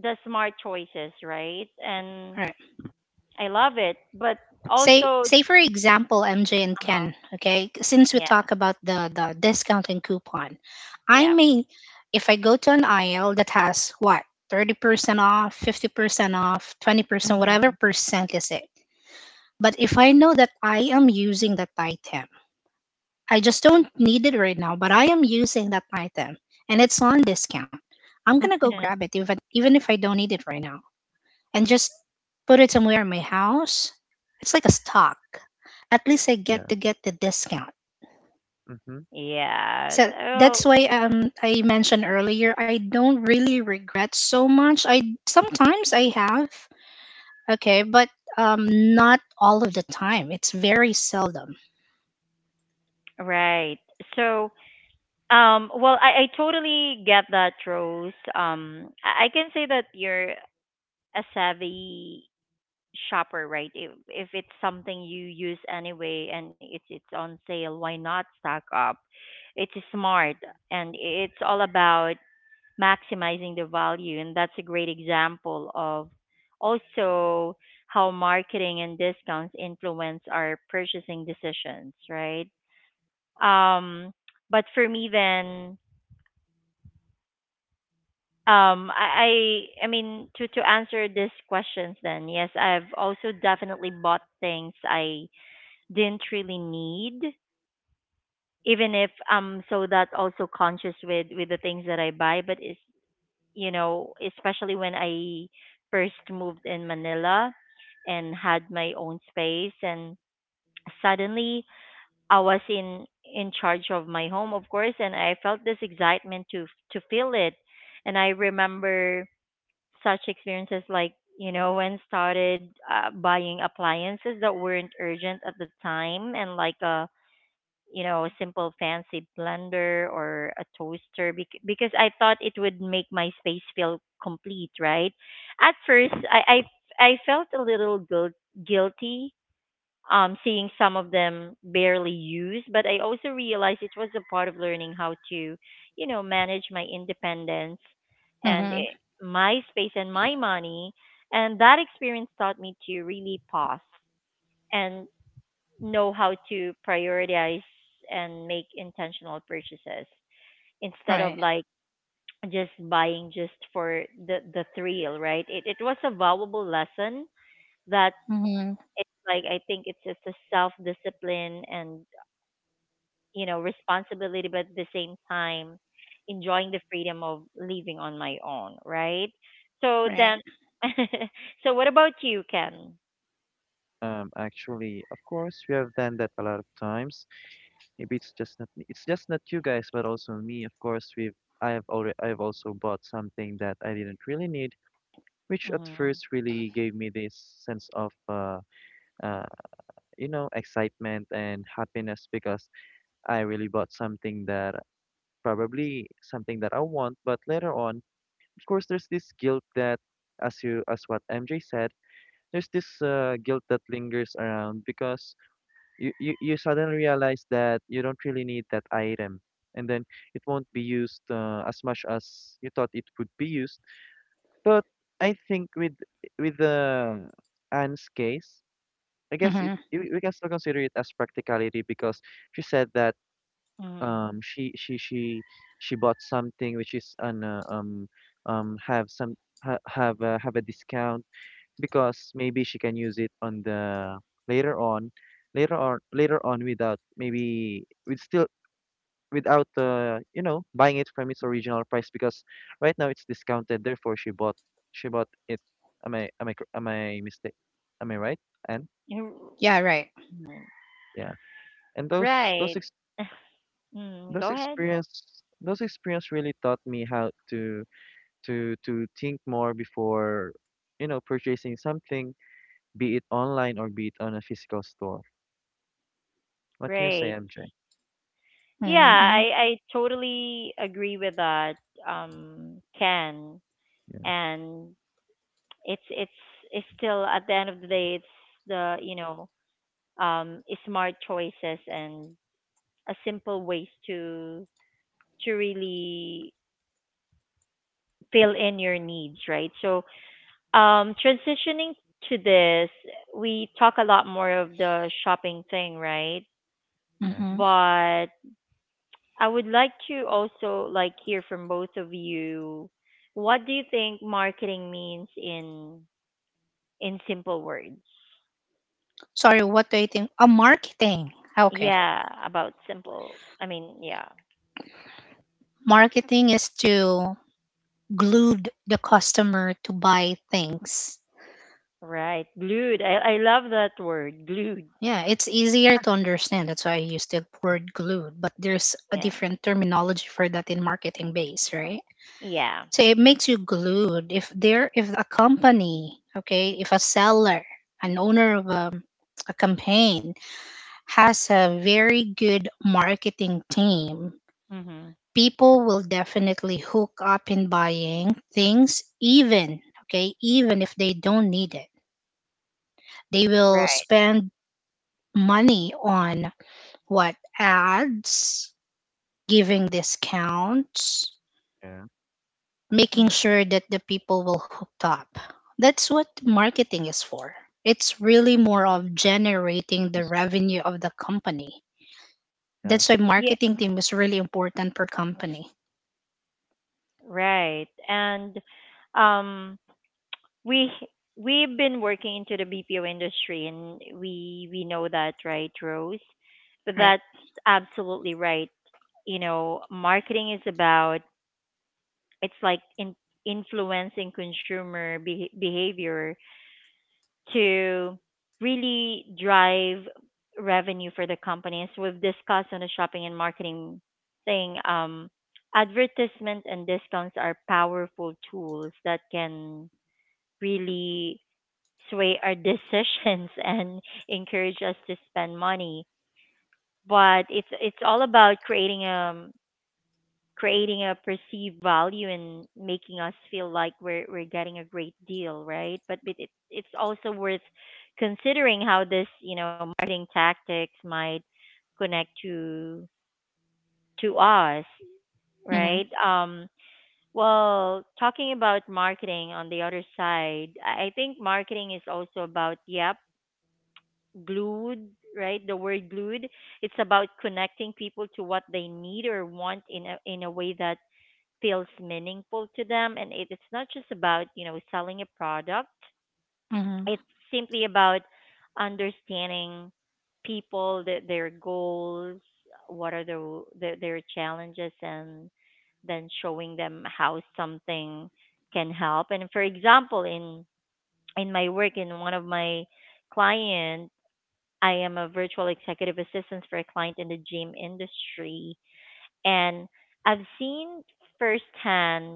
Speaker 1: the smart choices, right? And
Speaker 3: All right.
Speaker 1: I love it, but
Speaker 3: Say
Speaker 1: also,
Speaker 3: say for example, MJ and
Speaker 1: uh-huh,
Speaker 3: Ken, okay? Since we
Speaker 1: yeah,
Speaker 3: talk about the discount and coupon, I
Speaker 1: yeah.
Speaker 3: may if I go to an IL that has what? 30% off, 50% off, 20%,
Speaker 1: Mhm.
Speaker 3: whatever percent is it. But if I know that I am using that item, I just don't need it right now, but I am using that item, and it's on discount. I'm going to go grab it even if I don't need it right now. And just put it somewhere in my house, it's like a stock. At least I get
Speaker 2: Yeah.
Speaker 3: to get the discount.
Speaker 2: Mm-hmm.
Speaker 1: Yeah.
Speaker 3: So
Speaker 1: Oh,
Speaker 3: that's why I mentioned earlier I don't really regret so much. I sometimes I have, okay, but not all of the time. It's very seldom.
Speaker 1: right. So, well, I totally get that, Rose. I can say that you're a savvy shopper, right? If it's something you use anyway and it's on sale, why not stock up? It's smart, and it's all about maximizing the value, and that's a great example of also how marketing and discounts influence our purchasing decisions, right? Um, but for me then, um I I to answer these questions then, yes, I've also definitely bought things I didn't really need, even if I'm so that also conscious with the things that I buy. But it's, you know, especially when I first moved in Manila and had my own space, and suddenly I was in charge of my home, of course, and I felt this excitement to feel it. And I remember such experiences like, you know, when started buying appliances that weren't urgent at the time, and like you know, simple fancy blender or a toaster, because I thought it would make my space feel complete, right? At first, I felt a little guilty, um, seeing some of them barely used, but I also realized it was a part of learning how to, you know, manage my independence and
Speaker 3: Mm-hmm.
Speaker 1: my space and my money. And that experience taught me to really pause and know how to prioritize and make intentional purchases instead
Speaker 3: Right.
Speaker 1: of like just buying just for the thrill, right? It was a valuable lesson that
Speaker 3: Mm-hmm.
Speaker 1: it's like, I think it's just a self discipline and, you know, responsibility, but at the same time enjoying the freedom of living on my own, right? So then,
Speaker 3: Right.
Speaker 1: so what about you, Ken?
Speaker 2: Actually, of course, we have done that a lot of times. Maybe it's just not me. It's just not you guys, but also me. Of course, we've I have already I've also bought something that I didn't really need, which at
Speaker 1: Mm-hmm.
Speaker 2: first really gave me this sense of uh, you know, excitement and happiness because I really bought something that probably something that I want. But later on, of course, there's this guilt that, as you as what MJ said, there's this guilt that lingers around because you suddenly realize that you don't really need that item, and then it won't be used as much as you thought it would be used. But I think with the Anne's case, I guess it
Speaker 3: Mm-hmm.
Speaker 2: we can still consider it as practicality because she said that um she she she she bought something which is an have some ha, have a discount because maybe she can use it on the later on later on later on without, maybe with still without, buying it from its original price because right now it's discounted, therefore she bought it. Am I am I cor- am I mistake am I right? And
Speaker 3: Yeah, right.
Speaker 1: Mm-hmm.
Speaker 2: yeah, and those
Speaker 1: Right.
Speaker 2: ex-
Speaker 1: Mm,
Speaker 2: those
Speaker 1: go ahead.
Speaker 2: experience those experience really taught me how to think more before, you know, purchasing something, be it online or be it on a physical store. What can you say,
Speaker 1: Great.
Speaker 2: MJ?
Speaker 1: Yeah,
Speaker 3: Mm-hmm.
Speaker 1: I totally agree with that, um, Ken.
Speaker 2: Yeah,
Speaker 1: And it's it's it's still at the end of the day, it's the, you know, um smart choices and a simple ways to really fill in your needs, right? So, transitioning to this, we talk a lot more of the shopping thing, right?
Speaker 2: yeah,
Speaker 3: Mm-hmm.
Speaker 1: But I would like to also like hear from both of you. What do you think marketing means in simple words?
Speaker 3: Sorry, what do you think? A marketing. Okay.
Speaker 1: Yeah, about simple. I mean, yeah,
Speaker 3: Marketing is to glued the customer to buy things.
Speaker 1: right. Glued. I love that word, glued.
Speaker 3: Yeah, it's easier to understand. That's why I use the word glued, but there's a
Speaker 1: Yeah.
Speaker 3: different terminology for that in marketing base, right?
Speaker 1: Yeah.
Speaker 3: So it makes you glued if a company, okay, if a seller, an owner of a campaign has a very good marketing team,
Speaker 1: Mhm.
Speaker 3: people will definitely hook up in buying things even, okay, even if they don't need it. They will
Speaker 1: Right.
Speaker 3: spend money on what ads, giving discounts,
Speaker 2: yeah.
Speaker 3: making
Speaker 1: Mhm.
Speaker 3: sure that the people will hook up. That's what marketing is for. It's really more of generating the
Speaker 2: Excuse.
Speaker 3: revenue of the company.
Speaker 2: Yeah,
Speaker 3: That's why
Speaker 1: Yeah.
Speaker 3: marketing team is really important per company,
Speaker 1: Right. And um, we we've been working into the BPO industry, and we know that, right, Rose? But
Speaker 3: right?
Speaker 1: that's absolutely right. You know, marketing is about it's like in, influencing consumer be, behavior to really drive revenue for the company. As we've discussed on the shopping and marketing thing, advertisement and discounts are powerful tools that can really sway our decisions and encourage us to spend money. But it's all about creating a perceived value and making us feel like we're getting a great deal, right? But it, it's also worth considering how this, you know, marketing tactics might connect to us,
Speaker 3: Hmm.
Speaker 1: right? Well, talking about marketing on the other side, I think marketing is also about, yep, glued, right? The word glued. It's about connecting people to what they need or want in a way that feels meaningful to them. And it, it's not just about, you know, selling a product.
Speaker 3: Hmm.
Speaker 1: It's simply about understanding people, their goals, what are their challenges, and then showing them how something can help. And for example, in my work, in one of my client. I am a virtual executive assistant for a client in the gym industry, and I've seen firsthand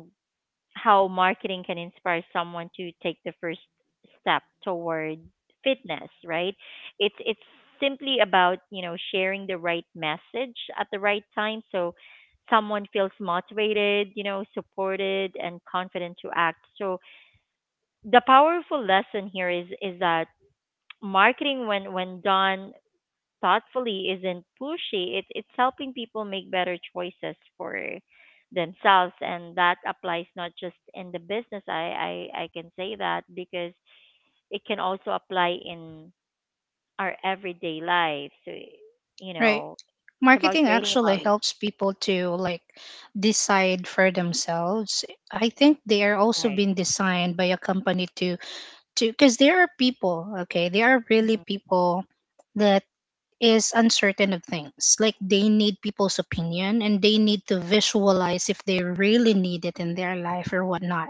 Speaker 1: how marketing can inspire someone to take the first step toward fitness, right? It's simply about, you know, sharing the right message at the right time so someone feels motivated, you know, supported and confident to act. So the powerful lesson here is that marketing, when done thoughtfully, isn't pushy. It, it's helping people make better choices for themselves, and that applies not just in the business. I can say that because it can also apply in our everyday life. So you
Speaker 3: Right.
Speaker 1: know, it's about
Speaker 3: Marketing
Speaker 1: creating
Speaker 3: actually
Speaker 1: value,
Speaker 3: helps people to like decide for themselves. I think they are also
Speaker 1: right?
Speaker 3: being designed by a company to because there are people, okay, there are really
Speaker 1: Mhm.
Speaker 3: people that is uncertain of things like they need people's opinion and they need to visualize if they really need it in their life or whatnot,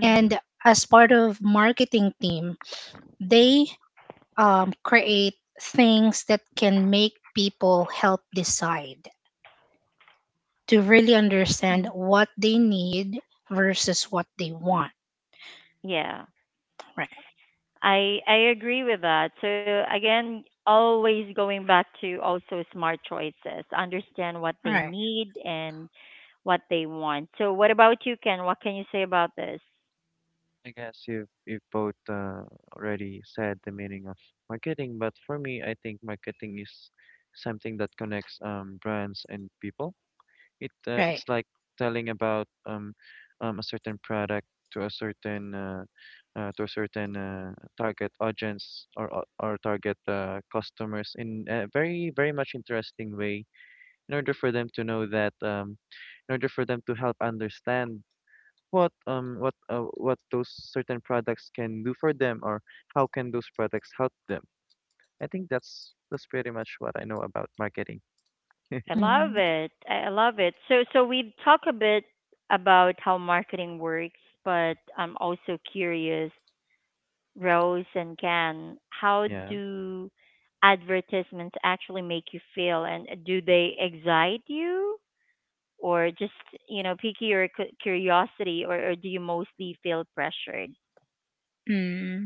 Speaker 1: Mm-hmm.
Speaker 3: and as part of marketing team they create things that can make people help decide to really understand what they need versus what they want,
Speaker 1: Yeah.
Speaker 3: right?
Speaker 1: I agree with that. So again, always going back to also smart choices. Understand what they
Speaker 3: Right.
Speaker 1: need and what they want. So what about you, Ken? What can you say about this?
Speaker 2: I guess you you both already said the meaning of marketing, but for me, I think marketing is something that connects brands and people. It
Speaker 3: Right.
Speaker 2: it's like telling about a certain product to a certain uh, to a certain uh, target audience or target customers in a very much interesting way in order for them to know that in order for them to help understand what what those certain products can do for them, or how can those products help them. I think that's pretty much what I know about marketing.
Speaker 1: I love
Speaker 3: Mm-hmm.
Speaker 1: it. I love it. So we've talked a bit about how marketing works, but I'm also curious, Rose and Ken, how
Speaker 2: Yeah.
Speaker 1: do advertisements actually make you feel, and do they excite you or just, you know, picky or curiosity, or do you mostly feel pressured?
Speaker 3: Mm-hmm.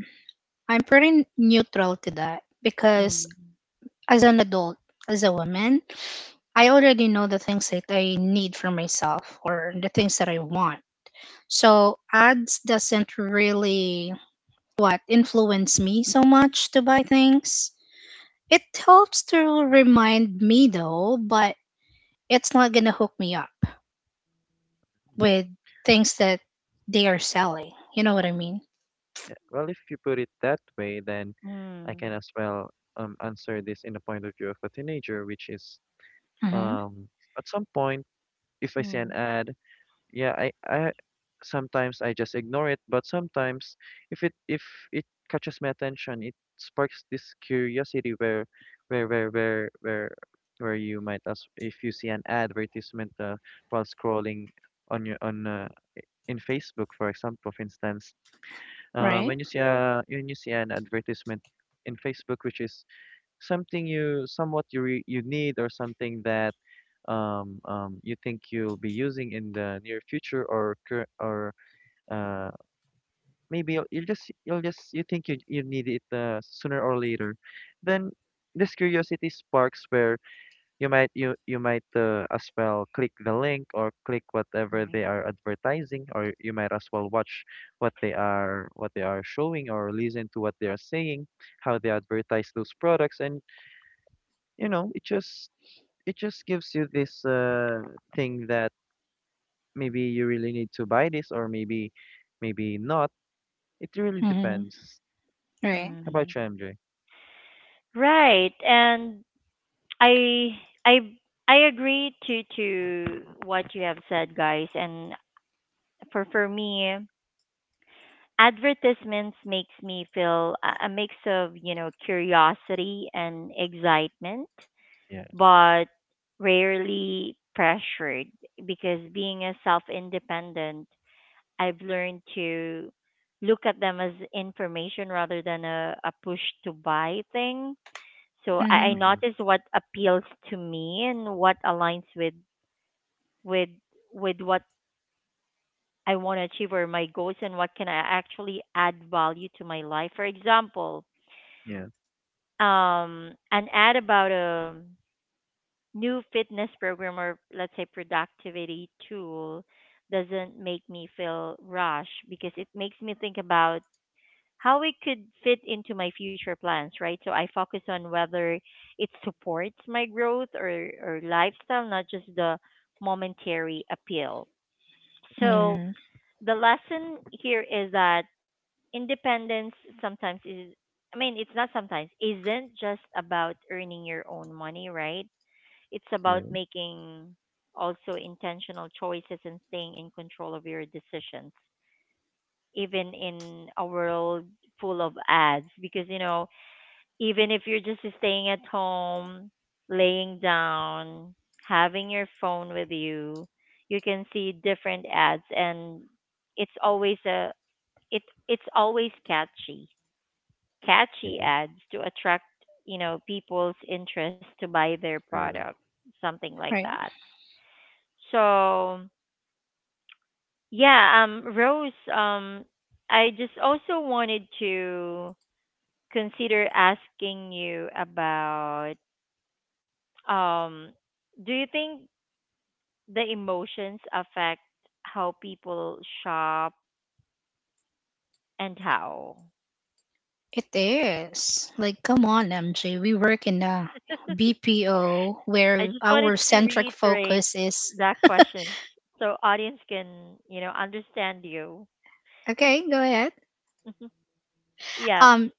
Speaker 3: I'm pretty neutral to that because
Speaker 1: Mm.
Speaker 3: as an adult, as a woman, I already know the things that I need for myself or the things that I want. So ads doesn't really what influence me so much to buy things. It helps to remind me though, but it's not gonna hook me up with things that they are selling. You know what I mean?
Speaker 2: Yeah. Well, if you put it that way, then I
Speaker 1: Mm.
Speaker 2: can as well answer this in the point of view of a teenager, which is
Speaker 3: Mm-hmm.
Speaker 2: um at some point, if I see an
Speaker 1: Mm.
Speaker 2: ad. Yeah, I sometimes I just ignore it, but sometimes if it catches my attention, it sparks this curiosity, where where where where where you might, as if you see an advertisement, while scrolling on your on in Facebook, for example, for instance,
Speaker 3: Right.
Speaker 2: when you see, yeah, a when you see an advertisement in Facebook, which is something you somewhat you need, or something that you think you'll be using in the near future, or uh, maybe you think you you need it, sooner or later, then this curiosity sparks where you might, as well click the link or click whatever
Speaker 1: Mm.
Speaker 2: they are advertising, or you might as well watch what they are showing, or listen to what they are saying, how they advertise those products. And you know, it just gives you this thing that maybe you really need to buy this, or maybe maybe not. It really
Speaker 3: Mm-hmm.
Speaker 2: depends.
Speaker 3: Right.
Speaker 2: How
Speaker 1: Mm.
Speaker 2: about you, MJ?
Speaker 1: Right. And i i I agree to what you have said, guys. And for me, advertisements makes me feel a mix of, you know, curiosity and excitement,
Speaker 2: Yeah.
Speaker 1: but rarely pressured, because being a self independent, I've learned to look at them as information rather than a push to buy thing. So I
Speaker 3: Mm-hmm.
Speaker 2: Mm-hmm.
Speaker 1: notice what appeals to me and what aligns with with what I want to achieve or my goals, and what can I actually add value to my life. For example,
Speaker 2: Yeah.
Speaker 1: an ad about a new fitness program or let's say productivity tool doesn't make me feel rushed because it makes me think about how it could fit into my future plans, right? So I focus on whether it supports my growth or lifestyle, not just the momentary appeal. So
Speaker 3: Mm-hmm.
Speaker 1: the lesson here is that independence sometimes is I mean, it's not sometimes, isn't just about earning your own money, right? It's about
Speaker 2: Yeah,
Speaker 1: making also intentional choices and staying in control of your decisions, even in a world full of ads. Because, even if you're just staying at home, laying down, having your phone with you, you can see different ads, and it's always a it it's always catchy
Speaker 2: yeah,
Speaker 1: ads to attract people's interest to buy their product,
Speaker 2: sure.
Speaker 1: something like
Speaker 3: Right.
Speaker 1: that. So yeah, Rose, I just also wanted to consider asking you about, um, do you think the emotions affect how people shop, and how?
Speaker 3: It is. Like, come on, MJ. We work in a BPO
Speaker 1: I
Speaker 3: where
Speaker 1: just wanted
Speaker 3: our
Speaker 1: to
Speaker 3: centric
Speaker 1: reiterate
Speaker 3: focus is
Speaker 1: that question so audience can understand you.
Speaker 3: okay, go ahead.
Speaker 1: Yeah.
Speaker 3: Um,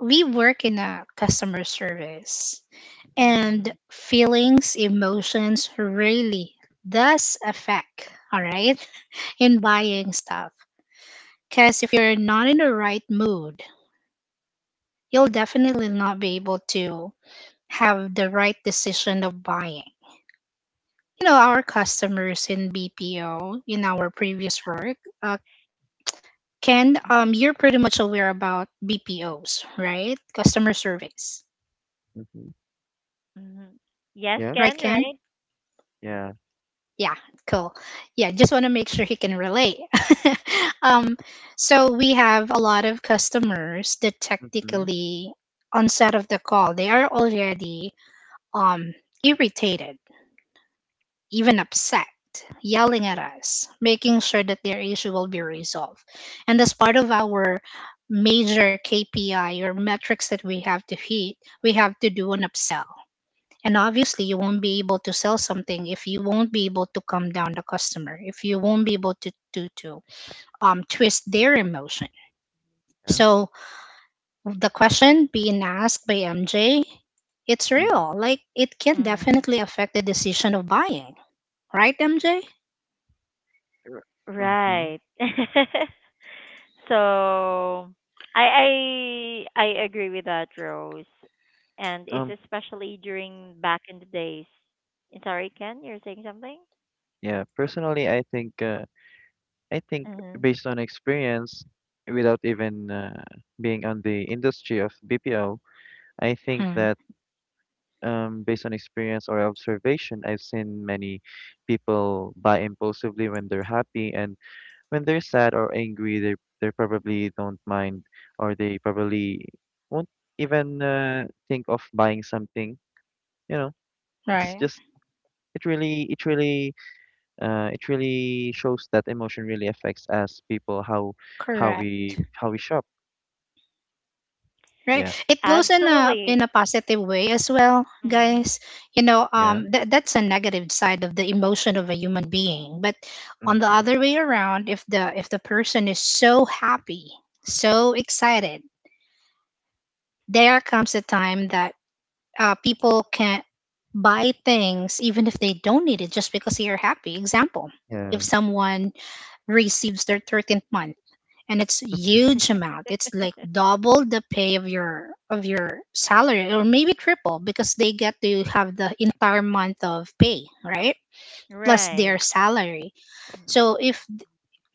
Speaker 3: we work in a customer service
Speaker 1: Mm-hmm.
Speaker 3: and feelings, emotions really does affect, all right, in buying stuff. Because if you're not in the right mood, you'll definitely not be able to have the right decision of buying. You know our customers in BPO in our previous work. Uh, Ken, you're pretty much aware about BPOs, right? Customer surveys,
Speaker 2: Mm-hmm.
Speaker 1: Mm-hmm. Yes,
Speaker 2: Yeah.
Speaker 3: right,
Speaker 1: Ken,
Speaker 3: Ken?
Speaker 1: right?
Speaker 2: Yeah.
Speaker 3: Yeah, cool. Yeah, just want to make sure he can relate. um, so we have a lot of customers that
Speaker 2: Mm-hmm.
Speaker 3: technically on set of the call they are already um irritated, even upset, yelling at us, making sure that their issue will be resolved. And as part of our major KPI or metrics that we have to hit, we have to do an upsell. And obviously, you won't be able to sell something if you won't be able to calm down the customer, if you won't be able to to twist their emotion.
Speaker 2: Yeah.
Speaker 3: So the question being asked by MJ, it's
Speaker 2: Mm-hmm.
Speaker 3: real. Like it can
Speaker 1: Mm.
Speaker 3: definitely affect the decision of buying, right, MJ?
Speaker 1: Right.
Speaker 2: Mm-hmm.
Speaker 1: So I agree with that, Rose. And it's
Speaker 2: Um.
Speaker 1: especially during back in the days. Sorry, Ken, you're saying something?
Speaker 2: Yeah. Personally, I think I think
Speaker 1: Hmm.
Speaker 2: based on experience, without even being on the industry of BPO, I think
Speaker 3: Hmm.
Speaker 2: that. Based on experience or observation, I've seen many people buy impulsively when they're happy, and when they're sad or angry, they probably don't mind, or they probably won't even think of buying something. You know,
Speaker 3: Right.
Speaker 2: it's just, it really it really shows that emotion really affects us people, how
Speaker 3: Correct.
Speaker 2: how we shop.
Speaker 3: Right.
Speaker 2: Yeah,
Speaker 3: It goes in a
Speaker 1: Absolutely.
Speaker 3: positive way as well, guys.
Speaker 1: Mhm.
Speaker 3: You know,
Speaker 2: yeah,
Speaker 3: that that's a negative side of the emotion of a human being. But on the other
Speaker 2: mm-hmm.
Speaker 3: way around, if the person is so happy, so excited, there comes a time that people can't buy things even if they don't need it just because they are happy. Example, if
Speaker 2: Yeah,
Speaker 3: someone receives their 13th month and it's huge amount, it's like double the pay of your salary or maybe triple because they get to have the entire month of pay, right, plus their
Speaker 1: Right.
Speaker 3: salary. So if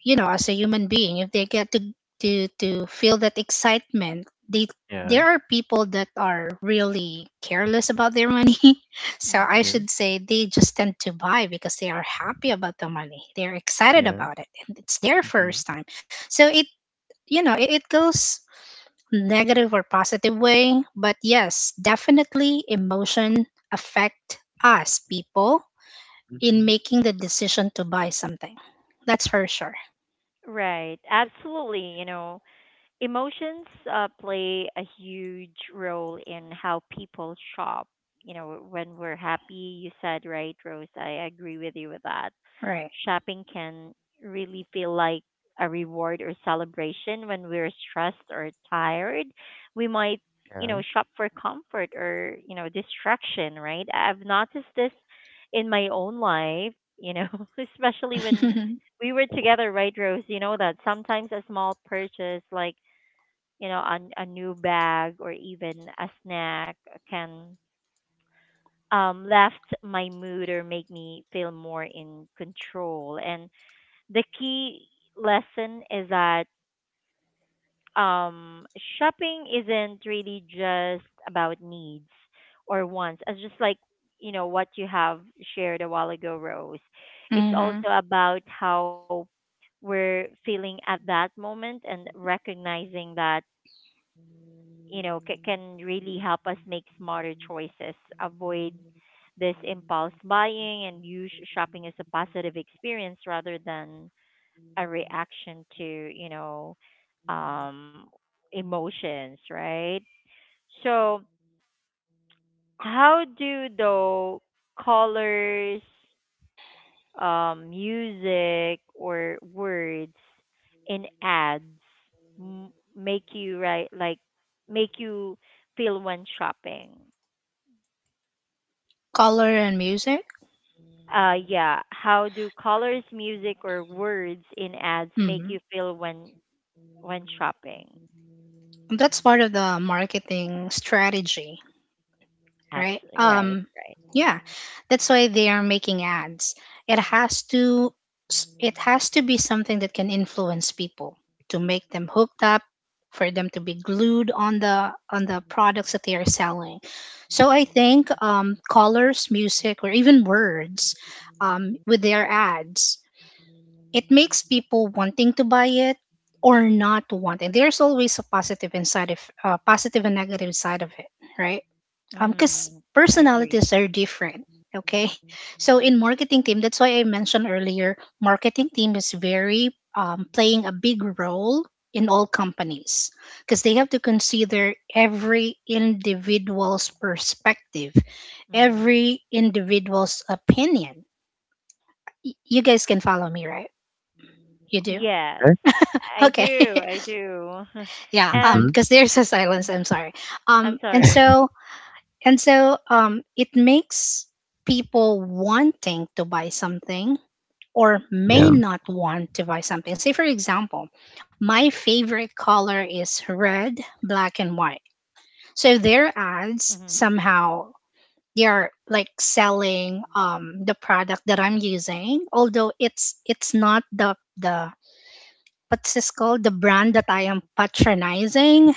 Speaker 3: you know, as a human being, if they get to to feel that excitement, they
Speaker 2: yeah.
Speaker 3: there are people that are really careless about their money. So I
Speaker 1: Mm-hmm.
Speaker 2: True.
Speaker 3: should say they just tend to buy because they are happy about the money, they're excited
Speaker 2: Yeah.
Speaker 3: about it, and it's their
Speaker 2: Mm-hmm.
Speaker 3: first time. So it, you know, it goes negative or positive way, but yes, definitely emotion affect us people in
Speaker 2: Mm-hmm.
Speaker 3: making the decision to buy something, that's for sure.
Speaker 1: Right. Absolutely, you know. Emotions play a huge role in how people shop. You know, when we're happy, you said, right, Rose? I agree with you with that.
Speaker 3: Right.
Speaker 1: Shopping can really feel like a reward or celebration when we're stressed or tired. We might, you
Speaker 2: Yeah.
Speaker 1: know, shop for comfort or, distraction, right? I've noticed this in my own life, you know, especially when we were together, right, Rose? You know that sometimes a small purchase, like a new bag or even a snack, can lift my mood or make me feel more in control. And the key lesson is that um, shopping isn't really just about needs or wants. It's just like what you have shared a while ago, Rose. It's
Speaker 3: Hmm.
Speaker 1: also about how we're feeling at that moment, and recognizing that can really help us make smarter choices, avoid this impulse buying, and use shopping as a positive experience rather than a reaction to um emotions, right? So how do though colors, music, or words in ads m- make you right like make you feel when shopping?
Speaker 3: Color and music.
Speaker 1: Yeah. How do colors, music, or words in ads make
Speaker 3: Hmm.
Speaker 1: you feel when shopping?
Speaker 3: That's part of the marketing strategy, right?
Speaker 1: Absolutely right, right.
Speaker 3: Yeah, that's why they are making ads. It has to it has to be something that can influence people to make them hooked up, for them to be glued on the products that they are selling. So I think colors, music, or even words with their ads, it makes people wanting to buy it or not wanting. There's always a positive and side of positive and negative side of it, right? Because
Speaker 1: Mm, agree.
Speaker 3: personalities are different, okay. So in marketing team, that's why I mentioned earlier, marketing team is very playing a big role in all companies because they have to consider every individual's perspective,
Speaker 1: Mm.
Speaker 3: every individual's opinion. Y- you guys can follow me, right? You do?
Speaker 1: Yes,
Speaker 2: Okay.
Speaker 1: I
Speaker 3: Okay.
Speaker 1: do. I do.
Speaker 3: Yeah,
Speaker 2: Mm-hmm.
Speaker 1: And
Speaker 3: because there's a silence,
Speaker 1: mm.
Speaker 3: I'm sorry. um
Speaker 1: I'm
Speaker 3: and
Speaker 1: sorry.
Speaker 3: so And so it makes people wanting to buy something or may
Speaker 2: Yeah.
Speaker 3: not want to buy something. Say, for example, my favorite color is red, black, and white. So their
Speaker 1: Mhm.
Speaker 3: ads somehow they are like selling the product that I'm using, although it's not the what's this called, the brand that I am patronizing.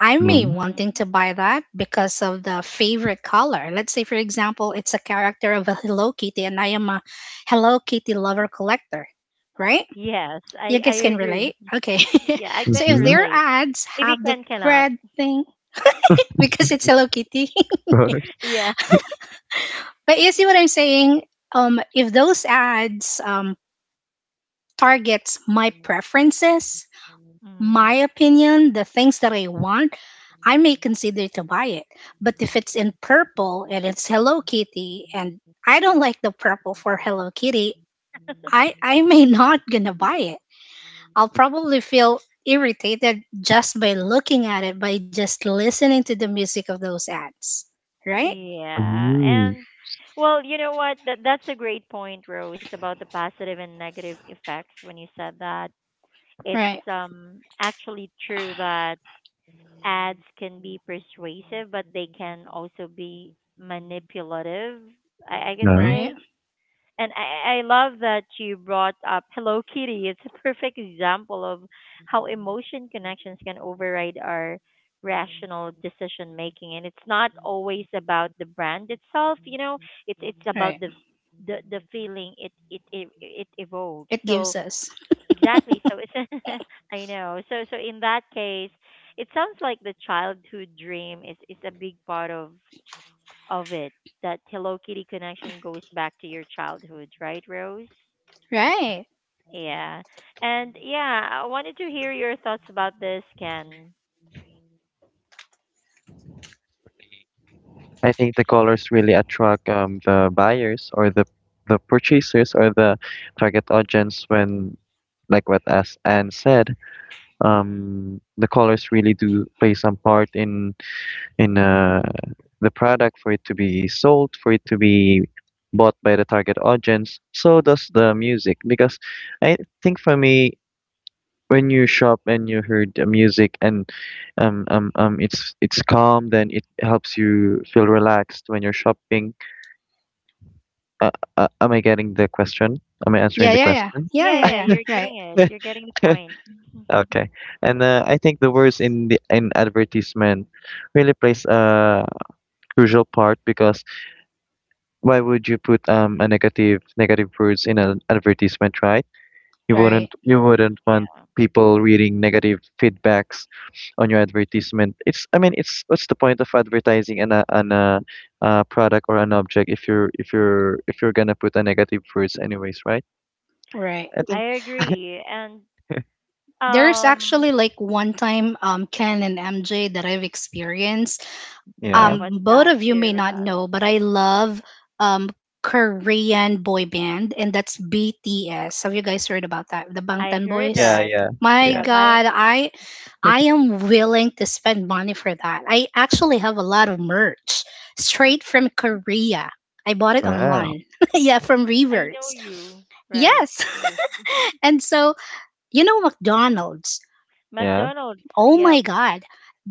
Speaker 3: I may
Speaker 2: Mhm,
Speaker 1: Mhm.
Speaker 3: wanting to buy that because of the favorite color. Let's say, for example, it's a character of a Hello Kitty, and I am a Hello Kitty lover collector, right?
Speaker 1: Yes, I
Speaker 3: You
Speaker 1: I
Speaker 3: guys can
Speaker 1: agree.
Speaker 3: relate, okay?
Speaker 1: Yeah, I can
Speaker 3: So if
Speaker 2: mhm,
Speaker 3: their
Speaker 1: relate.
Speaker 3: ads
Speaker 1: Maybe
Speaker 3: have
Speaker 1: Ken
Speaker 3: that
Speaker 1: cannot.
Speaker 3: red thing because it's Hello Kitty,
Speaker 2: of course.
Speaker 1: Yeah.
Speaker 3: but you see what I'm saying? If those ads targets my preferences,
Speaker 1: Mhm.
Speaker 3: my opinion, the things that I want, I may consider to buy it. But if it's in purple and it's Hello Kitty and I don't like the purple for Hello Kitty, I may not gonna buy it. I'll probably feel irritated just by looking at it, by just listening to the music of those ads. Right?
Speaker 1: Yeah.
Speaker 2: Mm,
Speaker 1: And well, you know what? That's a great point, Rose, about the positive and negative effects when you said that.
Speaker 3: Right.
Speaker 1: It's actually true that ads can be persuasive, but they can also be manipulative, I can
Speaker 2: no.
Speaker 3: Right.
Speaker 1: say. And I love that you brought up Hello Kitty. It's a perfect example of how emotion connections can override our rational decision making. And it's not always about the brand itself, it's about
Speaker 3: Right.
Speaker 1: the feeling it evokes.
Speaker 3: It gives
Speaker 1: So
Speaker 3: us.
Speaker 1: exactly. So it's I know. So in that case, it sounds like the childhood dream is a big part of it. That Hello Kitty connection goes back to your childhood, right, Rose?
Speaker 3: Right.
Speaker 1: Yeah. And yeah, I wanted to hear your thoughts about this, Ken.
Speaker 2: I think the colors really attract the buyers or the purchasers or the target audience, when, like what as Anne said,
Speaker 1: Mm.
Speaker 2: the colors really do play some part in in uh the product, for it to be sold, for it to be bought by the target audience. So does the music, because I think for me, when you shop and you heard the music and it's calm, then it helps you feel relaxed when you're shopping. Uh, am I getting the question? Am I answering
Speaker 3: Yeah,
Speaker 2: the
Speaker 3: yeah, yeah.
Speaker 2: question?
Speaker 3: Yeah,
Speaker 1: Yeah,
Speaker 3: yeah,
Speaker 1: yeah,
Speaker 3: yeah.
Speaker 1: you're
Speaker 3: Right.
Speaker 1: getting it. You're getting the point.
Speaker 2: Okay. And I think the words in the in advertisement really plays a crucial part, because why would you put a negative words in an advertisement, right? You wouldn't,
Speaker 3: Right.
Speaker 2: want
Speaker 1: Yeah,
Speaker 2: people reading negative feedbacks on your advertisement. It's, I mean, it's what's the point of advertising product or an object, if you're if you're if you're gonna put a negative words anyways, right?
Speaker 3: Right.
Speaker 2: I
Speaker 1: I
Speaker 2: think
Speaker 1: agree. And
Speaker 3: There's
Speaker 1: um
Speaker 3: actually like one time Ken and MJ that I've experienced.
Speaker 1: yeah,
Speaker 2: yeah.
Speaker 1: what's
Speaker 3: Both
Speaker 1: that?
Speaker 3: of you
Speaker 1: Share
Speaker 3: may
Speaker 1: with
Speaker 3: not
Speaker 1: us.
Speaker 3: know, but I love um Korean boy band and that's BTS. Have you guys heard about that? The
Speaker 1: I
Speaker 3: Bangtan
Speaker 1: heard
Speaker 2: Yeah,
Speaker 3: Boys?
Speaker 1: that.
Speaker 2: yeah.
Speaker 3: My
Speaker 2: Yeah.
Speaker 1: Yeah, by
Speaker 3: god, I am willing to spend money for that. I actually have a lot of merch straight from Korea. I bought it
Speaker 2: Wow.
Speaker 3: online. Yeah, from
Speaker 1: I know
Speaker 3: Reverse.
Speaker 1: you, right?
Speaker 3: Yes.
Speaker 1: Rose.
Speaker 3: And so, you know McDonald's.
Speaker 2: Yeah.
Speaker 1: McDonald's.
Speaker 3: Oh my
Speaker 1: Yep.
Speaker 3: God,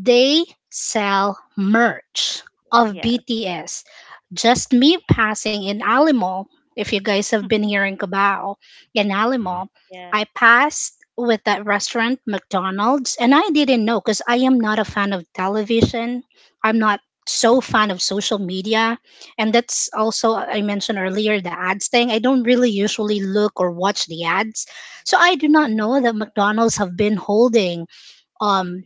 Speaker 3: they sell merch of
Speaker 1: Yes.
Speaker 3: BTS. Just me passing in Alamo, if you guys have been here in Cabao, in
Speaker 2: Mhm.
Speaker 3: Alamo,
Speaker 1: Yeah.
Speaker 3: I passed with that restaurant, McDonald's, and I didn't know because I am not a fan of television. I'm not so fan of social media. And that's also, I mentioned earlier, the ads thing. I don't really usually look or watch the ads. So I do not
Speaker 1: Mhm.
Speaker 3: know that McDonald's have been holding um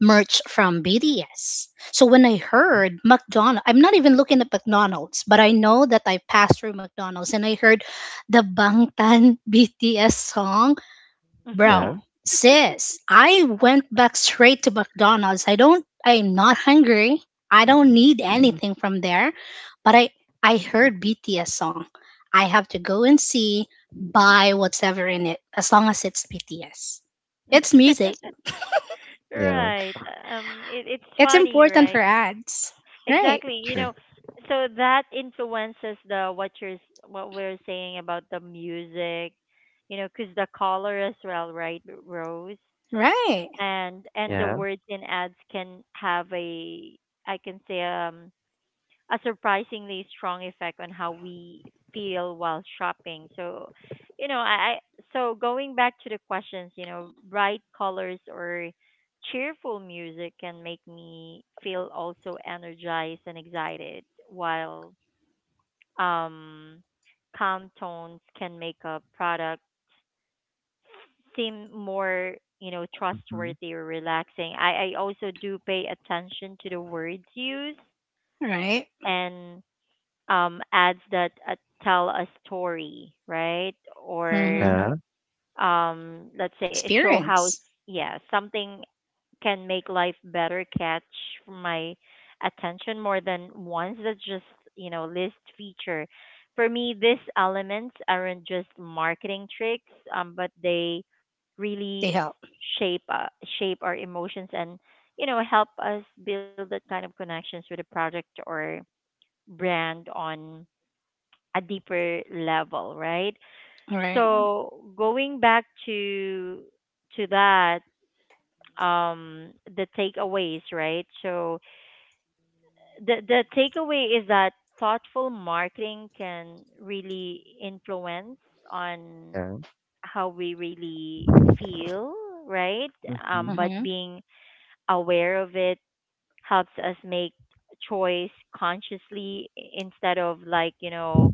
Speaker 3: merch from BTS. So when I heard McDonald's, I'm not even looking at McDonald's, but I know that I passed through McDonald's and I heard the Bangtan BTS song.
Speaker 2: Yeah.
Speaker 3: Bro, sis, I went back straight to McDonald's. I'm not hungry. I don't need anything from there, but I, I heard BTS song. I have to go and see, buy whatever in it, as long as it's BTS. It's music.
Speaker 2: Yeah.
Speaker 1: Right. It's
Speaker 3: It's
Speaker 1: funny,
Speaker 3: important for
Speaker 1: right?
Speaker 3: ads. Right.
Speaker 1: Exactly. You
Speaker 2: True.
Speaker 1: know, so that influences the what you're s- what we're saying about the music, because the color as well, right, Rose?
Speaker 3: Right.
Speaker 1: And the
Speaker 2: Yeah.
Speaker 1: words in ads can have a, I can say, a surprisingly strong effect on how we feel while shopping. So, you know, I I- so going back to the questions, you know, bright colors or cheerful music can make me feel also energized and excited, while um calm tones can make a product seem more,
Speaker 2: Mm-hmm.
Speaker 1: trustworthy or relaxing. I also do pay attention to the words used,
Speaker 3: Right.
Speaker 1: and ads that tell a story, right? Or
Speaker 3: Mm-hmm.
Speaker 2: Yeah.
Speaker 1: let's say, show how,
Speaker 3: Experience.
Speaker 1: yeah, something can make life better catch my attention more than once that just list feature. For me, these elements aren't just marketing tricks, but they
Speaker 3: They
Speaker 1: really
Speaker 3: help.
Speaker 1: shape uh, shape our emotions and help us build that kind of connections with a product or brand on a deeper level, right?
Speaker 3: Right.
Speaker 1: So going back to that, um, the takeaways, right? So the takeaway is that thoughtful marketing can really influence on
Speaker 2: Yeah.
Speaker 1: how we really feel, right?
Speaker 2: Mm-hmm.
Speaker 1: But
Speaker 3: Mm-hmm.
Speaker 1: being aware of it helps us make choice consciously, instead of, like,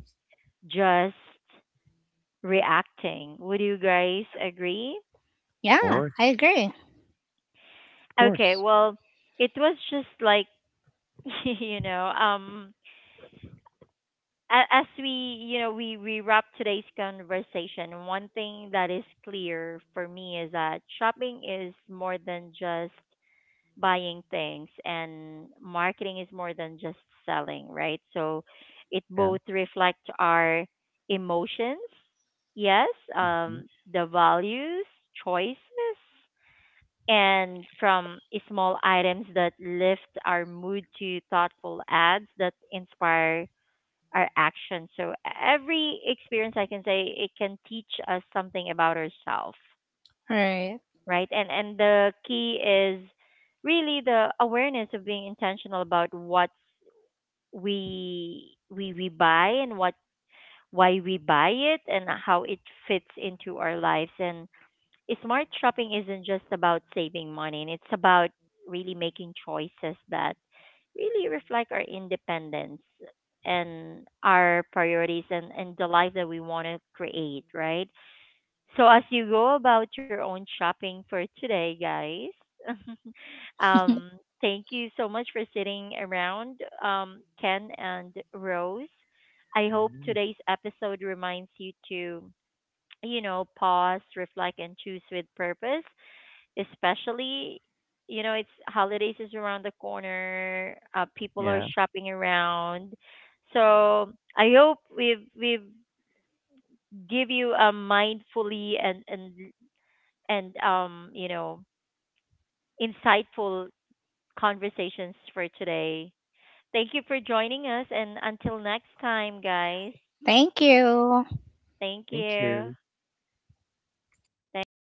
Speaker 1: just reacting. Would you guys agree?
Speaker 2: Of
Speaker 3: Yeah,
Speaker 2: course.
Speaker 3: I agree.
Speaker 2: Of
Speaker 1: Okay,
Speaker 2: course.
Speaker 1: well, it was just like you know, um as we, you know, we wrap today's conversation, one thing that is clear for me is that shopping is more than just buying things, and marketing is more than just selling, right? So it
Speaker 2: Yeah.
Speaker 1: both reflect our emotions, yes,
Speaker 2: Mm-hmm.
Speaker 1: um the values, choices, and from small items that lift our mood to thoughtful ads that inspire our action. So every experience, I can say, it can teach us something about ourselves,
Speaker 3: Right.
Speaker 1: right? And the key is really the awareness of being intentional about what we buy, and what why we buy it, and how it fits into our lives. And smart shopping isn't just about saving money, and it's about really making choices that really reflect our independence and our priorities and the life that we want to create, right? So as you go about your own shopping for today, guys, um, thank you so much for sitting around, Ken and Rose. I hope
Speaker 2: Mm-hmm.
Speaker 1: today's episode reminds you to, pause, reflect, and choose with purpose. Especially, it's holidays is around the corner. People are
Speaker 2: Yeah.
Speaker 1: shopping around, so I hope we've give you a mindfully and insightful conversations for today. Thank you for joining us, and until next time, guys.
Speaker 3: Thank you.
Speaker 1: Thank
Speaker 2: Thank you.
Speaker 1: you. Thanks,